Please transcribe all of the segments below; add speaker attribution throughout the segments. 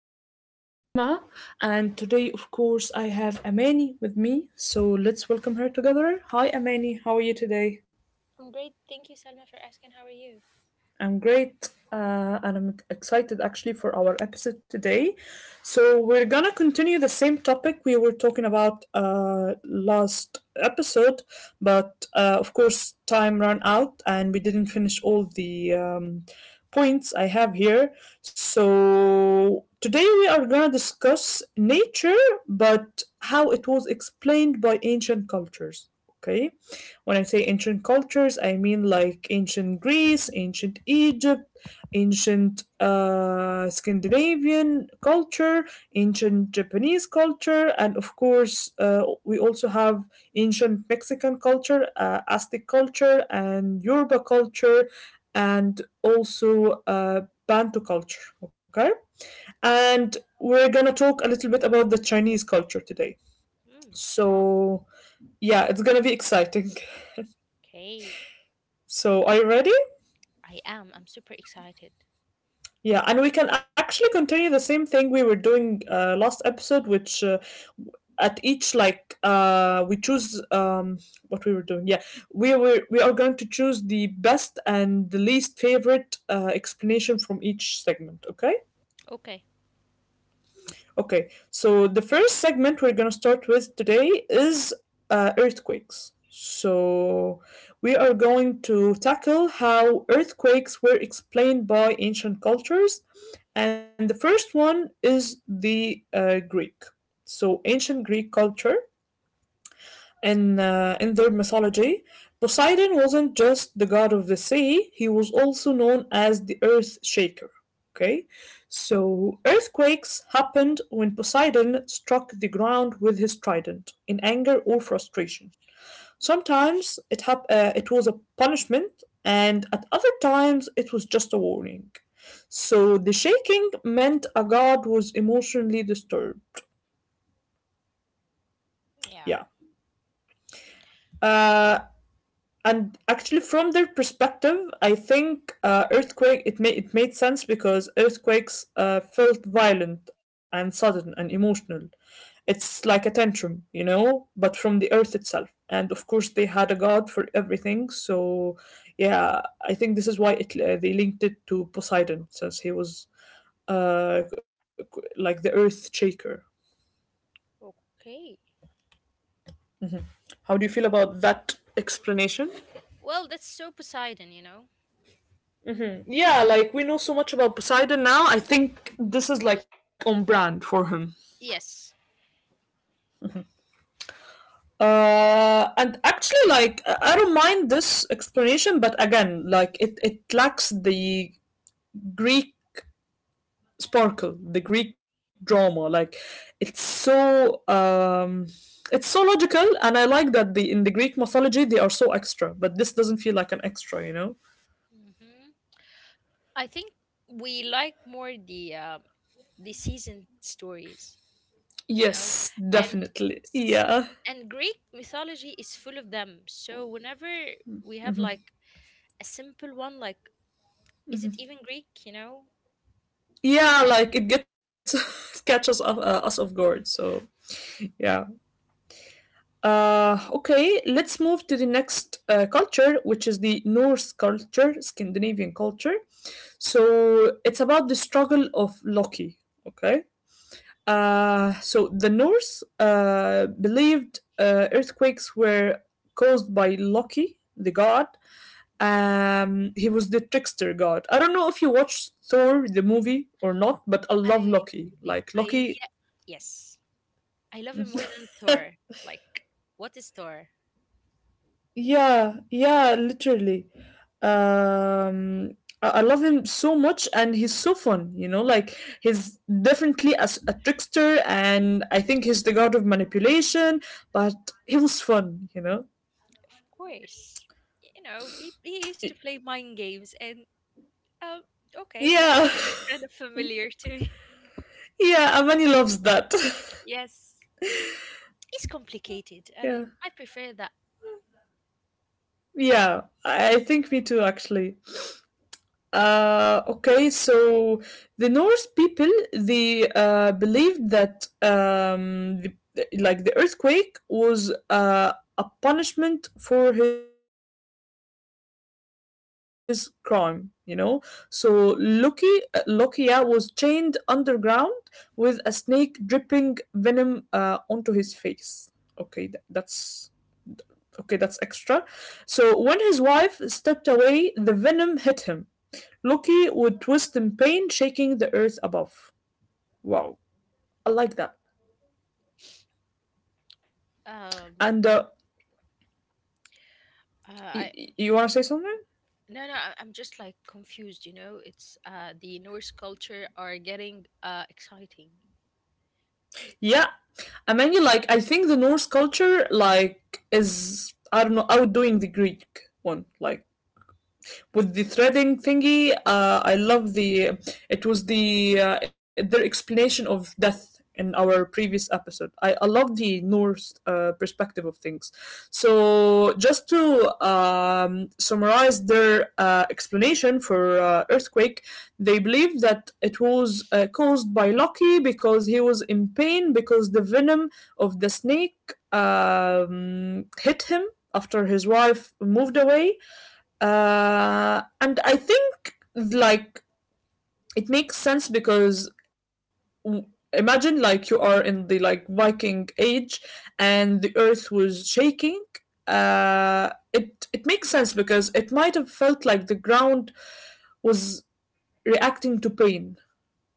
Speaker 1: your host Salma, and today, of course, I have Amani with me. So let's welcome her together. Hi, Amani. How are you today?
Speaker 2: I'm great. Thank you, Salma, for asking. How are you?
Speaker 1: I'm great, and I'm excited actually for our episode today. So we're gonna continue the same topic we were talking about last episode, but of course time ran out and we didn't finish all the points I have here. So today we are gonna discuss nature, but how it was explained by ancient cultures. Okay. When I say ancient cultures, I mean like ancient Greece, ancient Egypt, ancient Scandinavian culture, ancient Japanese culture, and of course, we also have ancient Mexican culture, Aztec culture, and Yoruba culture, and also Bantu culture. Okay. And we're gonna talk a little bit about the Chinese culture today.
Speaker 2: Mm, wow.
Speaker 1: So, yeah, it's gonna be exciting.
Speaker 2: Okay.
Speaker 1: So, are you ready?
Speaker 2: I am. I'm super excited.
Speaker 1: Yeah, and we can actually continue the same thing we were doing last episode, which at each like we choose what we were doing. Yeah, we are going to choose the best and the least favorite explanation from each segment. Okay.
Speaker 2: Okay.
Speaker 1: Okay, so the first segment we're gonna start with today is earthquakes. So we are going to tackle how earthquakes were explained by ancient cultures, and the first one is the Greek. So ancient Greek culture in their mythology, Poseidon wasn't just the god of the sea; he was also known as the Earth Shaker. Okay, so earthquakes happened when Poseidon struck the ground with his trident in anger or frustration. Sometimes it was a punishment, and at other times it was just a warning. So the shaking meant a god was emotionally disturbed.
Speaker 2: Yeah.
Speaker 1: Yeah. Uh, and actually from their perspective I think earthquake, it made sense because earthquakes felt violent and sudden and emotional. It's like a tantrum, you know, but from the earth itself. And of course they had a god for everything, so yeah, I think this is why it they linked it to Poseidon, since he was uh, like the Earth Shaker.
Speaker 2: Okay.
Speaker 1: How do you feel about that explanation?
Speaker 2: Well, that's so Poseidon, you know.
Speaker 1: Yeah, like we know so much about Poseidon now. I think this is like on brand for him.
Speaker 2: Yes.
Speaker 1: And actually, like I don't mind this explanation, but again, like it lacks the Greek sparkle, the Greek drama. Like it's so um, it's so logical, and I like that the in the Greek mythology they are so extra, but this doesn't feel like an extra, you know.
Speaker 2: Hmm, I think we like more the seasoned stories. You know,
Speaker 1: Yes,
Speaker 2: and
Speaker 1: definitely.
Speaker 2: s-
Speaker 1: Yeah.
Speaker 2: and greek mythology is full of them, so whenever we have
Speaker 1: Mm-hmm.
Speaker 2: like a simple one, like, is it
Speaker 1: Mm-hmm.
Speaker 2: even Greek, you know?
Speaker 1: Yeah, like it gets it catches us off guard, so yeah. Uh, okay, let's move to the next culture, which is the Norse culture, Scandinavian culture. So it's about the struggle of Loki. Okay. So the Norse believed earthquakes were caused by Loki the god. He was the trickster god. I don't know if you watched Thor the movie or not, but I
Speaker 2: i
Speaker 1: love Loki. like
Speaker 2: i
Speaker 1: loki
Speaker 2: yeah, yes, I love him more than Thor. Like, what is Thor?
Speaker 1: Yeah, yeah, literally. Um, I love him so much, and he's so fun. You know, like he's definitely a trickster, and I think he's the god of manipulation. But he was fun. You know.
Speaker 2: Of course. You know, he used to
Speaker 1: Y-
Speaker 2: play mind games, and um, okay, that's
Speaker 1: Yeah,
Speaker 2: kind of familiar to me.
Speaker 1: yeah. Amani loves that.
Speaker 2: Yes, it's complicated, and
Speaker 1: Yeah,
Speaker 2: I prefer that.
Speaker 1: yeah. I think me too, actually. Okay, so the Norse people, they believed that like the earthquake was a punishment for his crime. You know, so Loki, Lokia was chained underground with a snake dripping venom onto his face. Okay, that's okay. That's extra. So when his wife stepped away, the venom hit him. Loki would twist in pain, shaking the earth above. Wow, I like that. And
Speaker 2: um
Speaker 1: you want to say
Speaker 2: I,
Speaker 1: something?
Speaker 2: no, no, I'm just like confused, you know? It's the Norse culture are getting exciting.
Speaker 1: Yeah, I mean, like I think the Norse culture, like, is, I don't know, outdoing the Greek one. Like, with the threading thingy. I love the. It was the their explanation of death in our previous episode. I love the Norse perspective of things. So just to summarize their explanation for earthquake, they believe that it was caused by Loki because he was in pain because the venom of the snake hit him after his wife moved away. And I think like it makes sense because imagine like you are in the like Viking age and the earth was shaking. It makes sense because it might have felt like the ground was reacting to pain.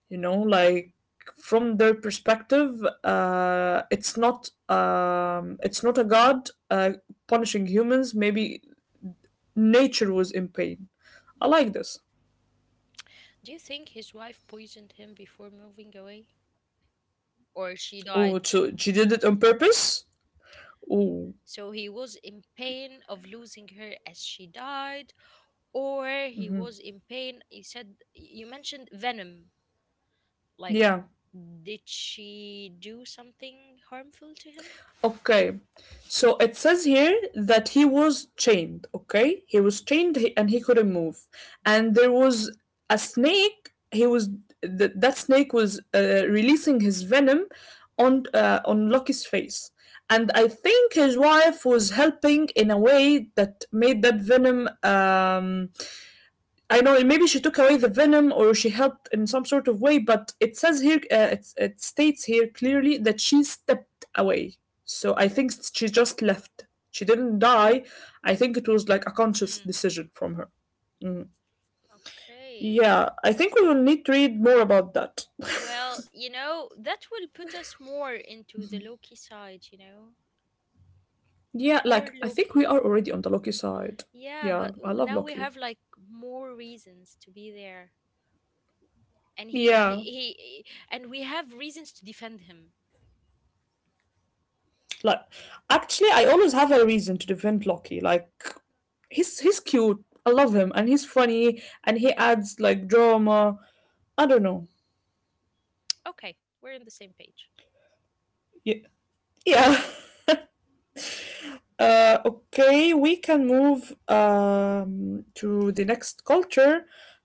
Speaker 1: You know, like from their perspective, it's not a god punishing humans. Maybe nature was in pain. I like this.
Speaker 2: Do you think his wife poisoned him before moving away? Or she died?
Speaker 1: Oh, so she did it on purpose? Oh,
Speaker 2: So he was in pain of losing her as she died, or he
Speaker 1: mhm.
Speaker 2: was in pain. You said you mentioned venom. Like,
Speaker 1: Yeah.
Speaker 2: did she do something harmful to him?
Speaker 1: Okay. So it says here that he was chained, okay? He was chained, and he
Speaker 2: Mm,
Speaker 1: couldn't move.
Speaker 2: mhm.
Speaker 1: And there was a snake. He was, that snake was releasing his venom on Loki's face. And
Speaker 2: Oh,
Speaker 1: I think his wife was helping in a way that made that venom, um, I know, maybe she took away the venom or she helped in some sort of way, but it says here, it states here clearly that she stepped away. So I think she just left. She didn't die. I think it was like a conscious
Speaker 2: hmm,
Speaker 1: decision from her. Mm.
Speaker 2: okay.
Speaker 1: Yeah, I think we will need to read more about that.
Speaker 2: Well, you know, that will put us more into the Loki side, you know?
Speaker 1: Yeah, like
Speaker 2: Poor
Speaker 1: I think we
Speaker 2: Loki.
Speaker 1: are already on the Loki side.
Speaker 2: Yeah, but
Speaker 1: Yeah, I
Speaker 2: now
Speaker 1: love
Speaker 2: we have
Speaker 1: Loki.
Speaker 2: like more reasons to be there. And he, he,
Speaker 1: Yeah,
Speaker 2: he, and we have reasons to defend him.
Speaker 1: like actually, I always have a reason to defend Loki. Like he's cute. I love him, and he's funny, and he adds like drama. I don't know.
Speaker 2: Okay, we're on the same page.
Speaker 1: Yeah, yeah. Okay, we can move to the next culture.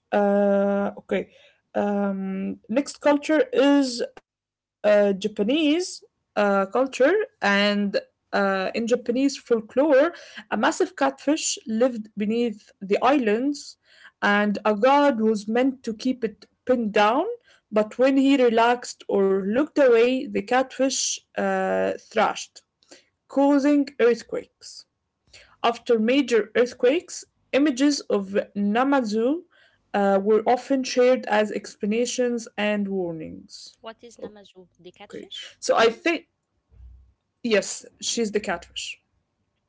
Speaker 1: Okay, next culture is Japanese culture, and in Japanese folklore, a massive catfish lived beneath the islands, and a god was meant to keep it pinned down. But when he relaxed or looked away, the catfish thrashed, causing earthquakes. After major earthquakes, images of Namazu were often shared as explanations and warnings.
Speaker 2: What is
Speaker 1: Okay,
Speaker 2: Namazu? The
Speaker 1: so I
Speaker 2: catfish?
Speaker 1: think, yes, she's the catfish,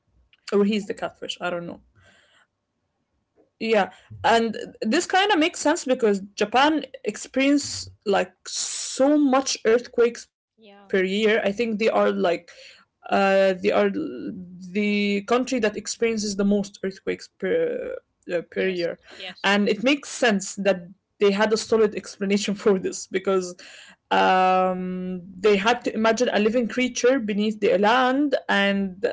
Speaker 1: or he's the catfish, I don't know. Yeah, and this kind of makes sense because Japan experience like so much earthquakes per year.
Speaker 2: Yeah.
Speaker 1: I think they are like they are the country that experiences the most earthquakes per per
Speaker 2: Yes,
Speaker 1: year.
Speaker 2: yes.
Speaker 1: And it makes sense that they had a solid explanation for this because they had to imagine a living creature beneath the land, and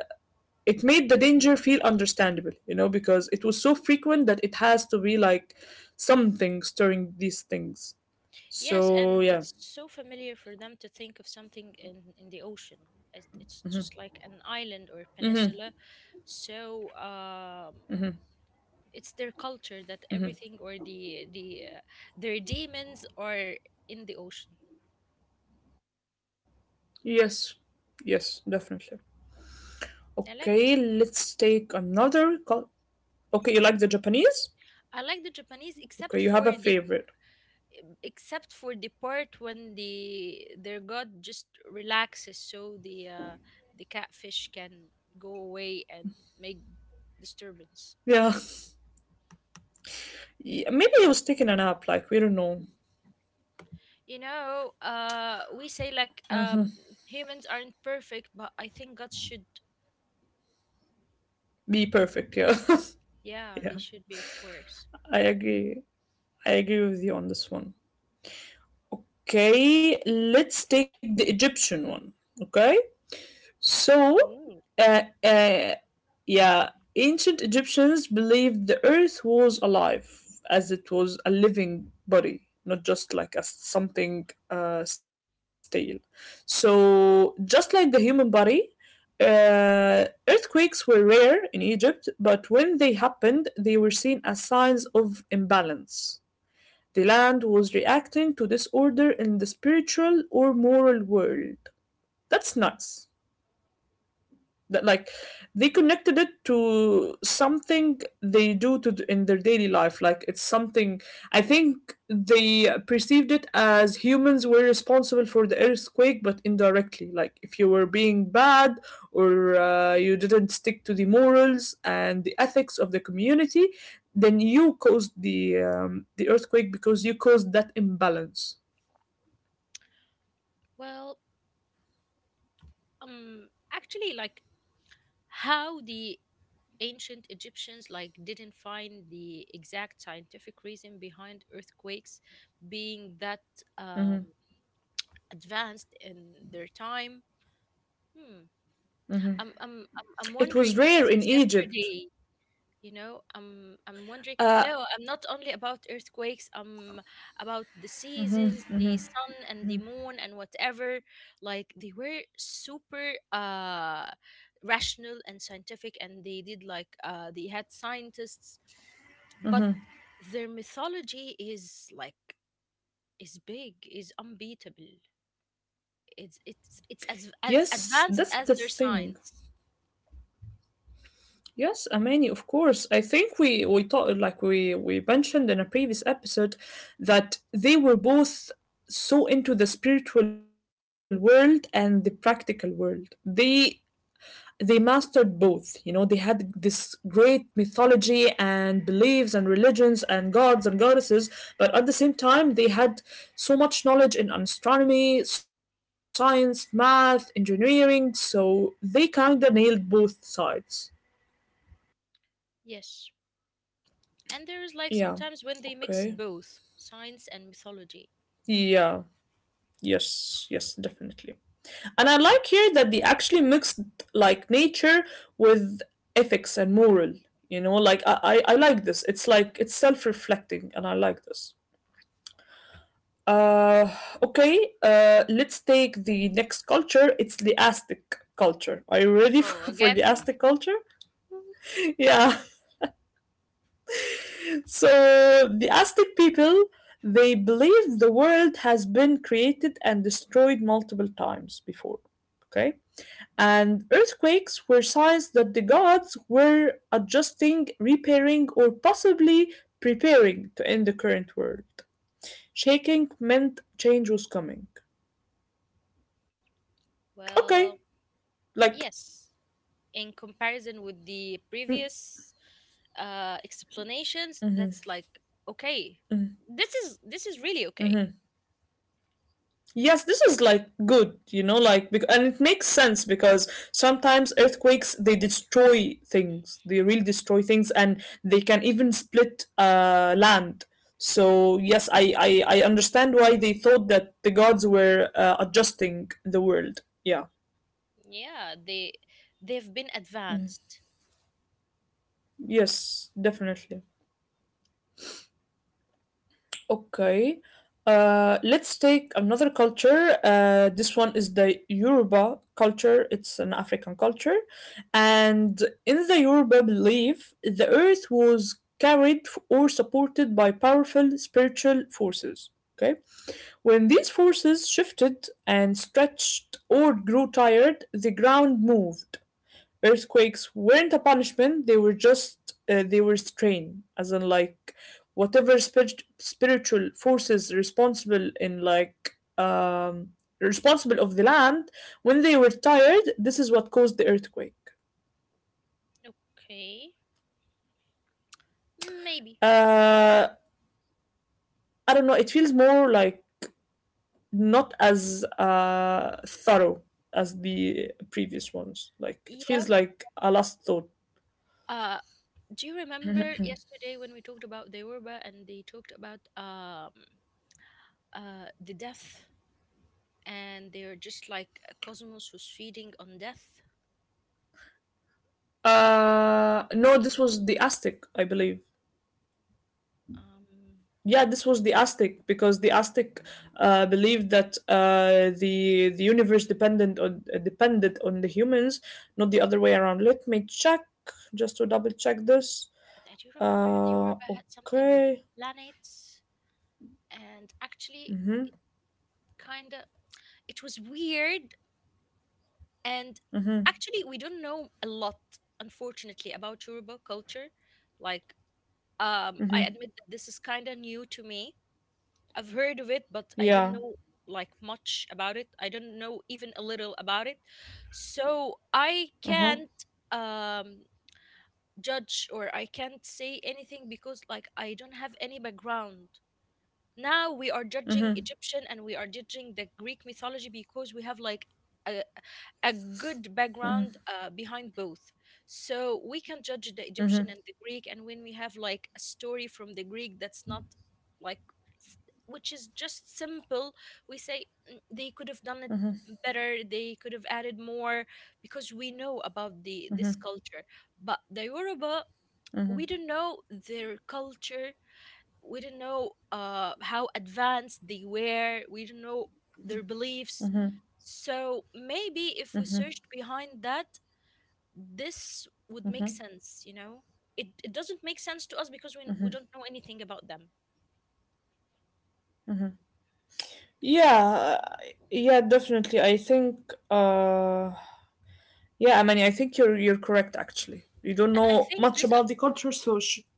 Speaker 1: it made the danger feel understandable, you know, because it was so frequent that it has to be like something stirring these things.
Speaker 2: Yes,
Speaker 1: So,
Speaker 2: and
Speaker 1: yeah.
Speaker 2: it's so familiar for them to think of something in the ocean. As it's just like an island or peninsula. So, it's their culture that everything or the their demons are in the ocean.
Speaker 1: Yes. Yes, definitely. Okay,
Speaker 2: I like
Speaker 1: let's
Speaker 2: this one.
Speaker 1: take another call. Okay, you like the Japanese?
Speaker 2: I like the Japanese
Speaker 1: Okay, you
Speaker 2: except
Speaker 1: have a
Speaker 2: for the,
Speaker 1: favorite.
Speaker 2: except for the part when the their god just relaxes, so the the catfish can go away and make
Speaker 1: Yeah.
Speaker 2: disturbance.
Speaker 1: Yeah. Maybe he was taking a nap, like, we don't know.
Speaker 2: You know, we say like humans aren't perfect, but I think God should.
Speaker 1: Be perfect, yeah. Yeah,
Speaker 2: Yeah, they should be, of course.
Speaker 1: I agree. I agree with you on this one. Okay, let's take the Egyptian one. Okay? So,
Speaker 2: Mm.
Speaker 1: uh, uh, yeah, ancient Egyptians believed the earth was alive, as it was a living body, not just like a something stale. So, just like the human body, earthquakes were rare in Egypt, but when they happened, they were seen as signs of imbalance. The land was reacting to disorder in the spiritual or moral world. That's nice that like they connected it to something they do to in their daily life. Like, it's something, I think they perceived it as humans were responsible for the earthquake but indirectly. Like, if you were being bad or you didn't stick to the morals and the ethics of the community, then you caused the earthquake because you caused that imbalance.
Speaker 2: Well, actually, like, how the ancient Egyptians like didn't find the exact scientific reason behind earthquakes, being that um, advanced in their time. Hmm. I'm
Speaker 1: It was
Speaker 2: wondering
Speaker 1: rare in
Speaker 2: since
Speaker 1: Egypt.
Speaker 2: yesterday. You know, I'm wondering,
Speaker 1: Uh,
Speaker 2: no, I'm not only about earthquakes, I'm about the seasons, the sun and the moon and whatever. Like, they were super rational and scientific, and they did like they had scientists, but their mythology is like, is big, is unbeatable. It's
Speaker 1: yes,
Speaker 2: as
Speaker 1: that's the
Speaker 2: advanced as their
Speaker 1: thing.
Speaker 2: science.
Speaker 1: Yes, Amani, of course. I think we thought like we mentioned in a previous episode that they were both so into the spiritual world and the practical world. They mastered both. You know, they had this great mythology and beliefs and religions and gods and goddesses, but at the same time they had so much knowledge in astronomy, science, math, engineering, so they kind of nailed both sides.
Speaker 2: Yes. And there is like
Speaker 1: Yeah.
Speaker 2: sometimes when they mixed
Speaker 1: Okay.
Speaker 2: both science and mythology.
Speaker 1: Yeah. Yes. Yes. Definitely. And I like here that they actually mixed like nature with ethics and moral. You know, like I like this. It's like it's self-reflecting, and I like this. Uh, okay. Let's take the next culture. It's the Aztec culture. Are you ready
Speaker 2: Oh,
Speaker 1: for the
Speaker 2: again?
Speaker 1: Aztec culture? Yeah. So the Aztec people, they believed the world has been created and destroyed multiple times before. Okay? And earthquakes were signs that the gods were adjusting, repairing, or possibly preparing to end the current world. Shaking meant change was coming. Okay,
Speaker 2: Well,
Speaker 1: like,
Speaker 2: yes. In comparison with the
Speaker 1: mm,
Speaker 2: previous explanations,
Speaker 1: mhm,
Speaker 2: that's like okay.
Speaker 1: mm,
Speaker 2: This is, this is really okay.
Speaker 1: mhm. Yes, this is like good, like and it makes sense because sometimes earthquakes they destroy things. They really destroy things and they can even split land. So yes, I understand why they thought that the gods were adjusting the world. Yeah.
Speaker 2: Yeah, they've been advanced.
Speaker 1: Yes, definitely. Okay. Let's take another culture. This one is the Yoruba culture. It's an African culture. And in the Yoruba belief, the earth was carried or supported by powerful spiritual forces. Okay. When these forces shifted and stretched or grew tired, the ground moved. Earthquakes weren't a punishment, they were just they were strain, as in like whatever spiritual forces responsible in like responsible of the land when they were tired, this is what caused the earthquake.
Speaker 2: Okay, maybe.
Speaker 1: uh I don't know, it feels more like not as thorough as the previous ones, like it feels
Speaker 2: Yes.
Speaker 1: like a last thought.
Speaker 2: Uh, do you remember yesterday when we talked about the Deurbah and they talked about the death, and they're just like a cosmos who's feeding on death?
Speaker 1: No, this was the Aztec I believe.
Speaker 2: Um,
Speaker 1: Yeah, this was the Aztec because the Aztec believed that the universe dependent on depended on the humans, not the other way around. Let me check just to double check this.
Speaker 2: I do remember the
Speaker 1: Uh,
Speaker 2: Deurbah had something with the
Speaker 1: okay.
Speaker 2: planets, and actually,
Speaker 1: Mhm.
Speaker 2: kind of, it was weird, and
Speaker 1: Mhm.
Speaker 2: actually we don't know a lot, unfortunately, about Yoruba culture. Like, um, I
Speaker 1: Mhm.
Speaker 2: admit that this is kind of new to me. I've heard of it, but I don't
Speaker 1: Yeah.
Speaker 2: know like much about it. I don't know even a little about it. So I
Speaker 1: Uh-huh.
Speaker 2: can't, um, judge, or I can't say anything because like I don't have any background. Now we are judging Egyptian and we are judging the Greek mythology because we have like a, a good background behind both. So we can judge the Egyptian and the Greek, and when we have like a story from the Greek that's not like s- which is just simple, we say, "Mm, they could have done it better, they could have added more because we know about the this culture." But the Yoruba,
Speaker 1: Mhm.
Speaker 2: we don't know their culture. We didn't know how advanced they were. We didn't know their beliefs. So maybe if we searched behind that, this would make
Speaker 1: Mhm.
Speaker 2: sense, you know? It doesn't make sense to us because we don't know anything about them.
Speaker 1: Yeah. Yeah. Definitely. I think. Yeah. I mean, I think you're correct. Actually, you don't
Speaker 2: And I
Speaker 1: know
Speaker 2: think
Speaker 1: much
Speaker 2: this ap-
Speaker 1: about the culture, so.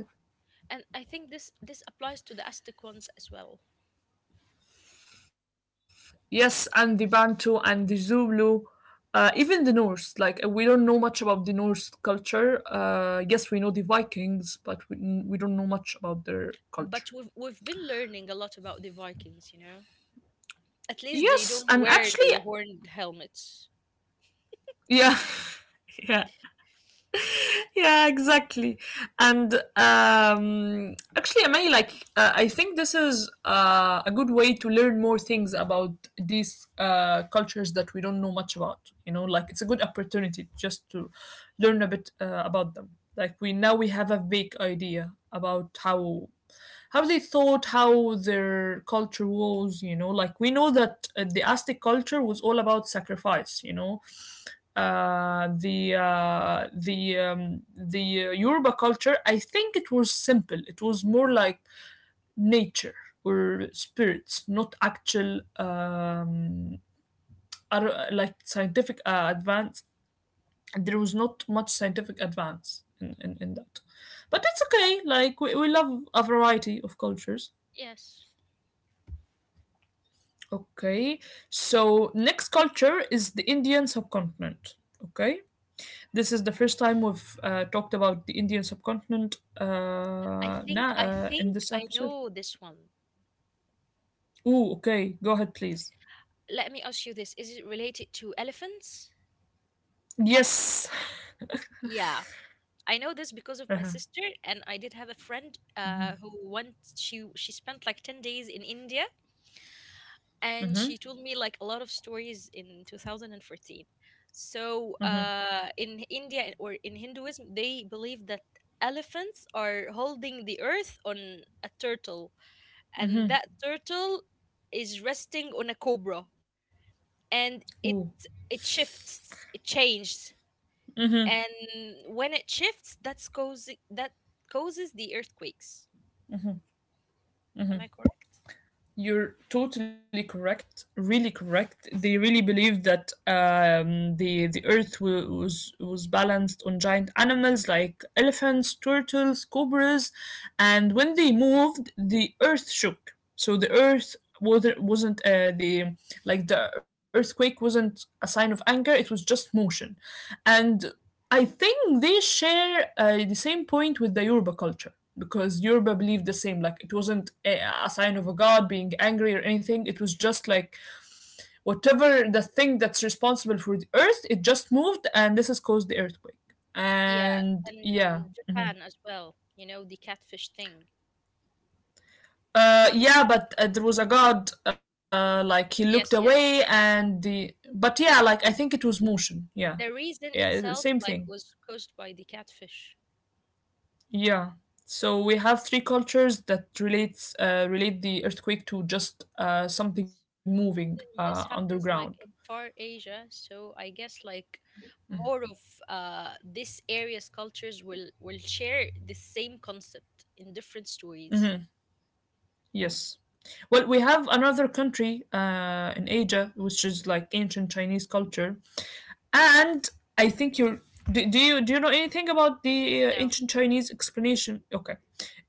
Speaker 1: Yeah. Go ahead.
Speaker 2: and I think this applies to the Aztec ones as well.
Speaker 1: Yes, and the Bantu and the Zulu, even the Norse. Like we don't know much about the Norse culture. Yes, we know the Vikings, but we don't know much about their culture.
Speaker 2: But we've been learning a lot about the Vikings, you know. At least they
Speaker 1: Yes,
Speaker 2: don't
Speaker 1: and
Speaker 2: wear
Speaker 1: actually,
Speaker 2: the horned helmets.
Speaker 1: yeah, yeah, yeah, exactly. And actually, I mean, like, I think this is a good way to learn more things about these cultures that we don't know much about. You know, like it's a good opportunity just to learn a bit about them. Like we now we have a vague idea about how they thought, how their culture was. You know, like we know that the Aztec culture was all about sacrifice. You know, the Yoruba culture, I think it was simple. It was more like nature or spirits, not actual like scientific advance. There was not much scientific advance in that. But that's okay. Like we love a variety of cultures.
Speaker 2: Yes.
Speaker 1: Okay. So next culture is the Indian subcontinent. Okay. This is the first time we've talked about the Indian subcontinent now
Speaker 2: I
Speaker 1: in
Speaker 2: think
Speaker 1: this
Speaker 2: I
Speaker 1: episode.
Speaker 2: know this one.
Speaker 1: Ooh, okay. Go ahead, please.
Speaker 2: Let me ask you this. Is it related to elephants?
Speaker 1: Yes.
Speaker 2: Yeah. I know this because of my
Speaker 1: Uh-huh.
Speaker 2: sister, and I did have a friend who once she spent like 10 days in India, and
Speaker 1: Mm-hmm.
Speaker 2: she told me like a lot of stories in 2014. So
Speaker 1: Mm-hmm.
Speaker 2: in India or in Hinduism, they believe that elephants are holding the earth on a turtle, and that turtle is resting on a cobra, and
Speaker 1: Ooh.
Speaker 2: it shifts, it changes, and when it shifts, that's causing that causes the earthquakes. Am I correct?
Speaker 1: You're totally correct, really correct. They really believed that the earth was balanced on giant animals like elephants, turtles, cobras. And when they moved, the earth shook. So the earth wasn't the earthquake wasn't a sign of anger, it was just motion. And I think they share the same point with the Yoruba culture because Yoruba believed the same. Like it wasn't a sign of a god being angry or anything. It was just like whatever the thing that's responsible for the earth, it just moved, and this has caused the earthquake.
Speaker 2: Yeah,
Speaker 1: And yeah,
Speaker 2: and Japan as well, you know, the catfish thing.
Speaker 1: yeah, but there was a god. Like he looked
Speaker 2: Yes, yes.
Speaker 1: away, and the but yeah, like I think it was motion. Yeah,
Speaker 2: The reason
Speaker 1: yeah, it's
Speaker 2: itself
Speaker 1: the same
Speaker 2: like
Speaker 1: thing.
Speaker 2: was caused by the catfish.
Speaker 1: Yeah. So we have three cultures that relate the earthquake to just something moving
Speaker 2: This happens
Speaker 1: underground.
Speaker 2: like in Far Asia, so I guess like more of this area's cultures will share the same concept in different stories.
Speaker 1: Yes. Well, we have another country in Asia, which is like ancient Chinese culture, and I think you're. Do you know anything about the
Speaker 2: No,
Speaker 1: ancient
Speaker 2: no.
Speaker 1: Chinese explanation? Okay,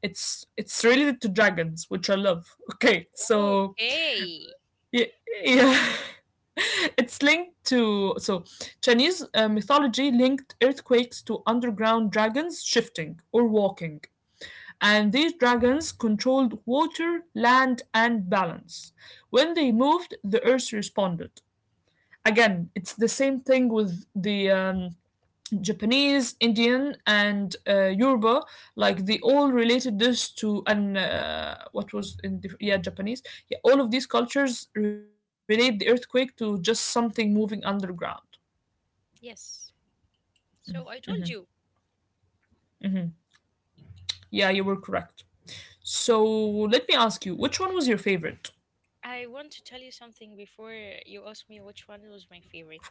Speaker 1: it's related to dragons, which I love. Okay, so
Speaker 2: Okay.
Speaker 1: Ye- Yeah. It's linked to Chinese mythology linked earthquakes to underground dragons shifting or walking. And these dragons controlled water, land, and balance. When they moved, the earth responded. Again, it's the same thing with the Japanese, Indian, and Yoruba, like they all related this to an what was in the, yeah, Japanese. Yeah, all of these cultures relate the earthquake to just something moving underground.
Speaker 2: Yes. So I told you,
Speaker 1: Yeah, you were correct. So let me ask you, which one was your favorite?
Speaker 2: I want to tell you something before you ask me which one was
Speaker 1: Of
Speaker 2: my
Speaker 1: course,
Speaker 2: favorite.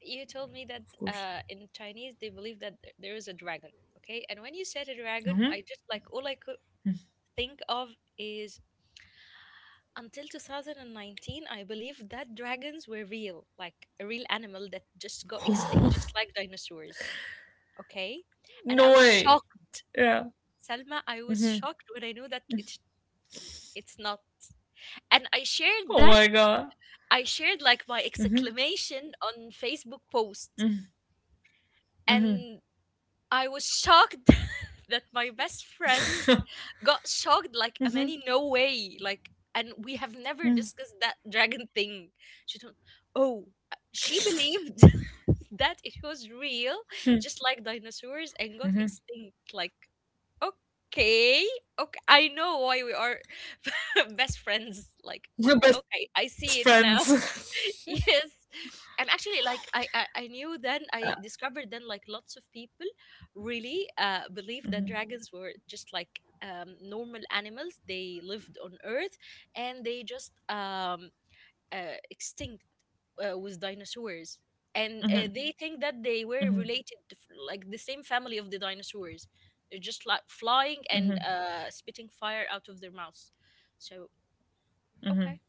Speaker 2: You
Speaker 1: of
Speaker 2: told me that
Speaker 1: course.
Speaker 2: in Chinese they believe that there is a dragon, okay? And when you said a dragon,
Speaker 1: Hmm.
Speaker 2: I just like all I could think of is, until 2019, I believe that dragons were real, like a real animal that just got extinct, just like dinosaurs. Okay. And I
Speaker 1: No
Speaker 2: was
Speaker 1: way.
Speaker 2: shocked.
Speaker 1: Yeah.
Speaker 2: Selma, I was shocked when I knew that it's not. And I shared that.
Speaker 1: Oh my god.
Speaker 2: I shared like my
Speaker 1: Hmm.
Speaker 2: exclamation on Facebook post.
Speaker 1: Hmm.
Speaker 2: And I was shocked that my best friend got shocked, like,
Speaker 1: Hmm.
Speaker 2: Amani, no way. Like, and we have never
Speaker 1: Hmm.
Speaker 2: discussed that dragon thing. She told, oh she believed that it was real, just like dinosaurs, and got
Speaker 1: Hmm.
Speaker 2: extinct. Like, okay, okay, I know why we are best friends. Like,
Speaker 1: Best
Speaker 2: okay, I see it now.
Speaker 1: friends.
Speaker 2: Yes, and actually like, I knew then, I discovered then, like lots of people really believe that dragons were just like normal animals, they lived on earth, and they just extinct with dinosaurs.
Speaker 1: Mm-hmm.
Speaker 2: And they think that they
Speaker 1: Mm-hmm.
Speaker 2: were related to like the same family of the dinosaurs. They're just like flying
Speaker 1: Mm-hmm.
Speaker 2: and
Speaker 1: Mm-hmm.
Speaker 2: spitting fire out of their mouths. So, okay.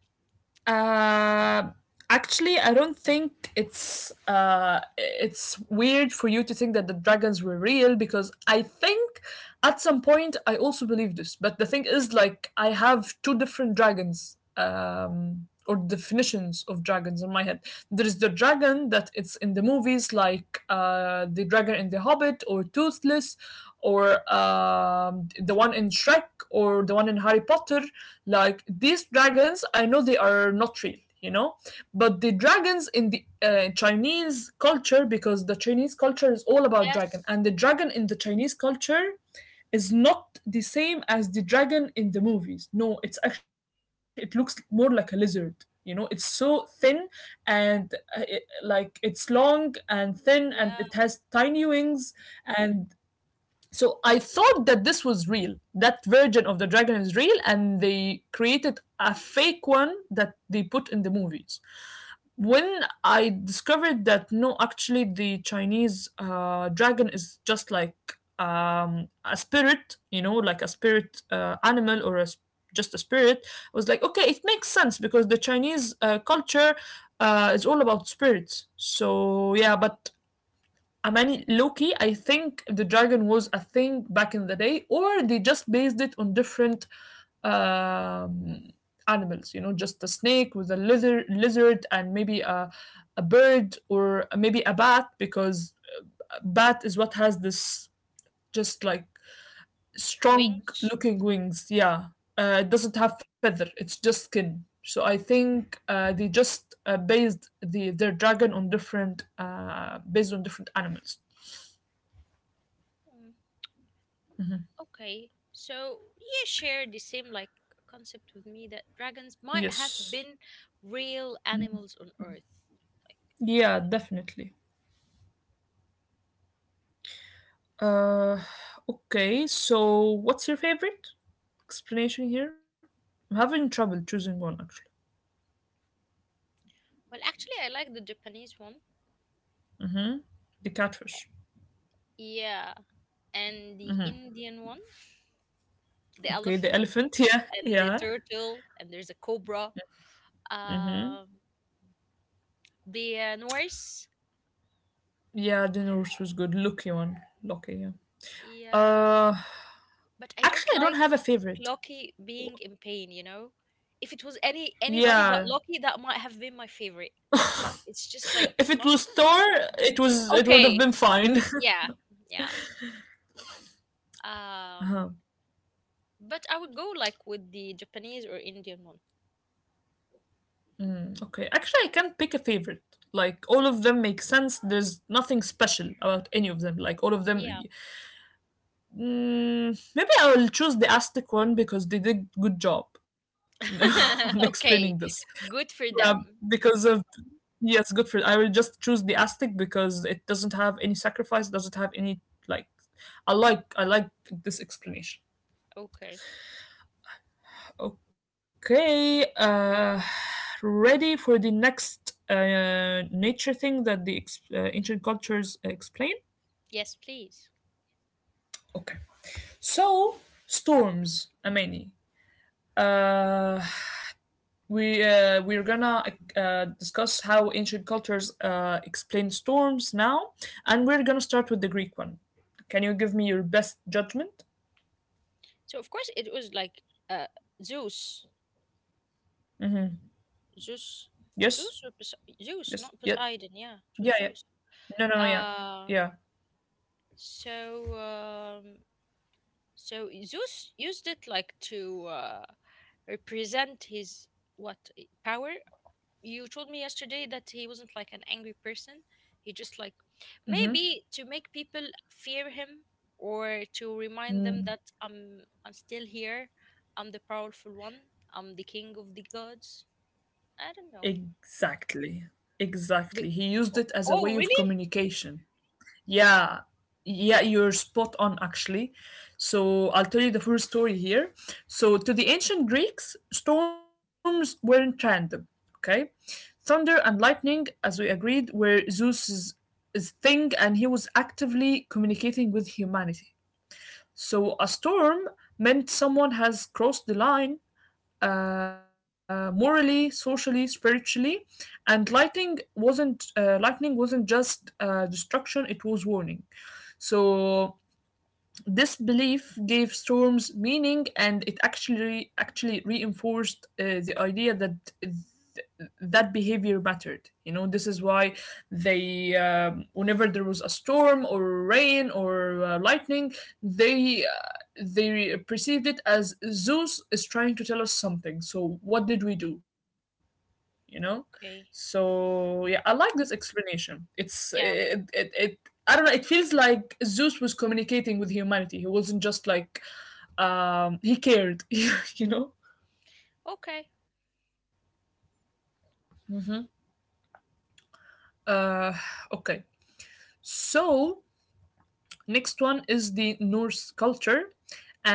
Speaker 1: Uh, actually, I don't think it's weird for you to think that the dragons were real, because I think at some point I also believed this. But the thing is, like, I have two different dragons. Or definitions of dragons in my head. There's the dragon that it's in the movies, like the dragon in The Hobbit, or Toothless, or the one in Shrek, or the one in Harry Potter. Like these dragons, I know they are not real, you know, but the dragons in the Chinese culture, because the Chinese culture is all about dragon, and
Speaker 2: Yes.
Speaker 1: the dragon in the Chinese culture is not the same as the dragon in the movies. No, it's actually it looks more like a lizard. You know, it's so thin and like it's long and thin and it has
Speaker 2: Yeah,
Speaker 1: tiny wings. And so I thought that this was real. That version of the dragon is real, and they created a fake one that they put in the movies. When I discovered that no, actually, the Chinese dragon is just like a spirit, you know, like a spirit animal or just a spirit, I was like, okay, it makes sense because the Chinese culture is all about spirits. So, yeah, but I mean, Loki, I think the dragon was a thing back in the day, or they just based it on different um, animals, you know, just a snake with lizard and maybe a bird or maybe a bat, because bat is what has this just like strong
Speaker 2: wings.
Speaker 1: looking wings, yeah. It doesn't have feather, it's just skin. So I think they just based the their dragon on different, based on different animals.
Speaker 2: Okay, so you share the same like concept with me that dragons might have
Speaker 1: Yes.
Speaker 2: been real animals on Earth. Like,
Speaker 1: Yeah,
Speaker 2: okay.
Speaker 1: definitely. uh okay, so what's your favorite explanation here? I'm having trouble choosing one, actually.
Speaker 2: Well, actually, I like the Japanese one.
Speaker 1: The catfish.
Speaker 2: Yeah, and the Indian one, the
Speaker 1: Okay, the
Speaker 2: elephant
Speaker 1: elephant. Yeah,
Speaker 2: and the
Speaker 1: yeah.
Speaker 2: turtle, and there's a cobra. Um, the Norse.
Speaker 1: Yeah, the nurse was good, lucky one. Lucky, yeah.
Speaker 2: Yeah,
Speaker 1: uh
Speaker 2: but I don't
Speaker 1: Actually, I don't
Speaker 2: like
Speaker 1: have a favorite.
Speaker 2: Loki being in pain. You know, if it was anybody
Speaker 1: Yeah.
Speaker 2: but Loki, that might have been my favorite, but it's just like
Speaker 1: If it was Thor, it was it would
Speaker 2: Okay.
Speaker 1: have been fine.
Speaker 2: Yeah. Yeah. Um,
Speaker 1: Uh-huh.
Speaker 2: but I would go like with the Japanese or Indian one.
Speaker 1: Okay. Actually, I can't pick a favorite. Like all of them make sense. There's nothing special about any of them. Like all of
Speaker 2: Yeah.
Speaker 1: them. Mm, maybe I will choose the Aztec one because they did good job, you know, on explaining this.
Speaker 2: Okay. Good
Speaker 1: Yeah,
Speaker 2: for them.
Speaker 1: because of yes, good for. I will just choose the Aztec because it doesn't have any sacrifice. Doesn't have any like. I like this explanation.
Speaker 2: Okay.
Speaker 1: Okay, ready for the next nature thing that the ancient cultures explain?
Speaker 2: Yes, please.
Speaker 1: Okay, so storms, Amani. Uh, we're gonna discuss how ancient cultures explain storms now, and we're gonna start with the Greek one. Can you give me your best judgment?
Speaker 2: So of course it was like uh Zeus. Zeus.
Speaker 1: Yes,
Speaker 2: Zeus or Pos Zeus,
Speaker 1: yes,
Speaker 2: not
Speaker 1: yeah,
Speaker 2: Poseidon. Yeah, it
Speaker 1: yeah,
Speaker 2: was
Speaker 1: yeah.
Speaker 2: Zeus.
Speaker 1: No, no, no, yeah,
Speaker 2: Uh,
Speaker 1: yeah.
Speaker 2: so so Zeus used it like to represent his what, power. You told me yesterday that he wasn't like an angry person. He just like
Speaker 1: Mm-hmm.
Speaker 2: maybe to make people fear him, or to remind them that I'm still here. I'm the powerful one. I'm the king of the gods. I don't know.
Speaker 1: Exactly.
Speaker 2: But
Speaker 1: Exactly. He used
Speaker 2: oh,
Speaker 1: it as a
Speaker 2: oh
Speaker 1: way of
Speaker 2: really?
Speaker 1: communication. Yeah. Yeah,
Speaker 2: Hmm,
Speaker 1: you're spot on, actually. So I'll tell you the full story here. So to the ancient Greeks, storms weren't random, okay? Thunder and lightning, as we agreed, were Zeus's, his thing, and he was actively communicating with humanity. So a storm meant someone has crossed the line, morally, socially, spiritually, and lightning wasn't just destruction; it was warning. So this belief gave storms meaning, and it actually reinforced the idea that th- that behavior mattered. You know, this is why whenever there was a storm or rain or lightning, they perceived it as Zeus is trying to tell us something. So what did we do? You know.
Speaker 2: okay.
Speaker 1: So yeah, I like this explanation. It's
Speaker 2: Yeah.
Speaker 1: it, it, it I don't know, it feels like Zeus was communicating with humanity, he wasn't just like he cared. You know.
Speaker 2: Okay.
Speaker 1: Hmm. uh okay, so next one is the Norse culture,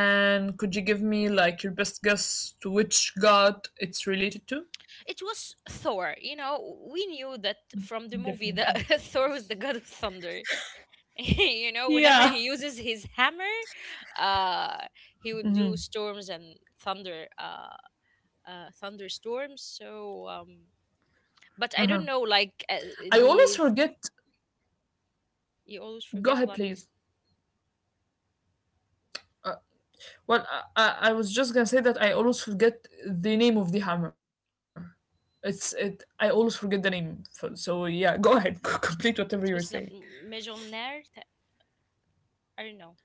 Speaker 1: and could you give me like your best guess to which god it's related to?
Speaker 2: It was Thor. You know, we knew that from the movie
Speaker 1: Definitely.
Speaker 2: that Thor was the god of thunder. You know, whenever
Speaker 1: Yeah.
Speaker 2: he uses his hammer, uh he would do storms and thunder thunderstorms, so um,
Speaker 1: I
Speaker 2: but I don't know like
Speaker 1: always forget.
Speaker 2: the you always
Speaker 1: Go
Speaker 2: forget
Speaker 1: ahead,
Speaker 2: what.
Speaker 1: please. Well, I was just gonna say that I always forget the name of the hammer. It's it. I always forget the name. So yeah, go ahead, complete whatever you were saying.
Speaker 2: It was not Mejonar. I don't know.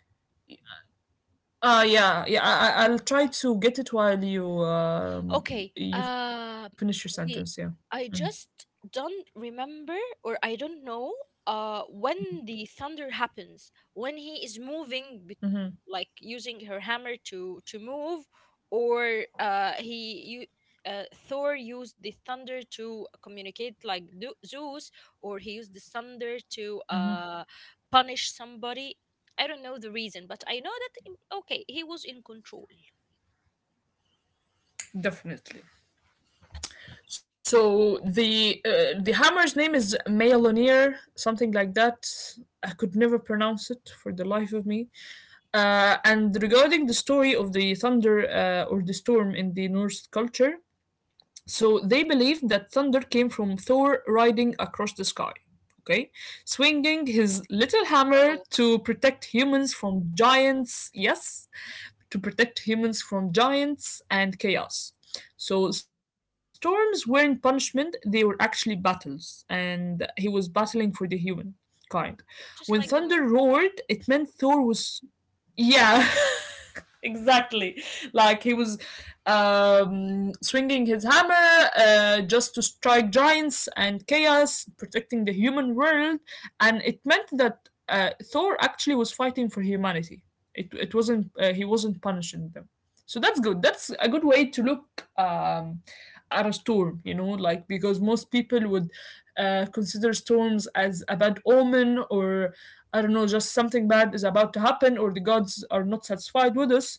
Speaker 1: Uh, yeah, yeah. I'll try to get it while you um
Speaker 2: Okay.
Speaker 1: you finish your sentence. Yeah,
Speaker 2: The I just don't remember, or I don't know. When the thunder happens, when he is moving, like using her hammer to move, or he you. Thor used the thunder to communicate like Zeus, or he used the thunder to punish somebody. I don't know the reason, but I know that okay, he was in control.
Speaker 1: definitely. So the hammer's name is Maelonir, something like that. I could never pronounce it for the life of me. And regarding the story of the thunder or the storm in the Norse culture, so they believed that thunder came from Thor riding across the sky, okay, swinging his little hammer
Speaker 2: Oh,
Speaker 1: to protect humans from giants, yes, to protect humans from giants and chaos. So storms weren't punishment, they were actually battles, and he was battling for the human kind. When
Speaker 2: just
Speaker 1: thunder
Speaker 2: like the movie.
Speaker 1: roared, it meant Thor was yeah. Exactly, like he was swinging his hammer just to strike giants and chaos, protecting the human world, and it meant that Thor actually was fighting for humanity. It wasn't he wasn't punishing them. So that's good, that's a good way to look at a storm, you know, like because most people would consider storms as a bad omen, or I don't know, just something bad is about to happen or the gods are not satisfied with us.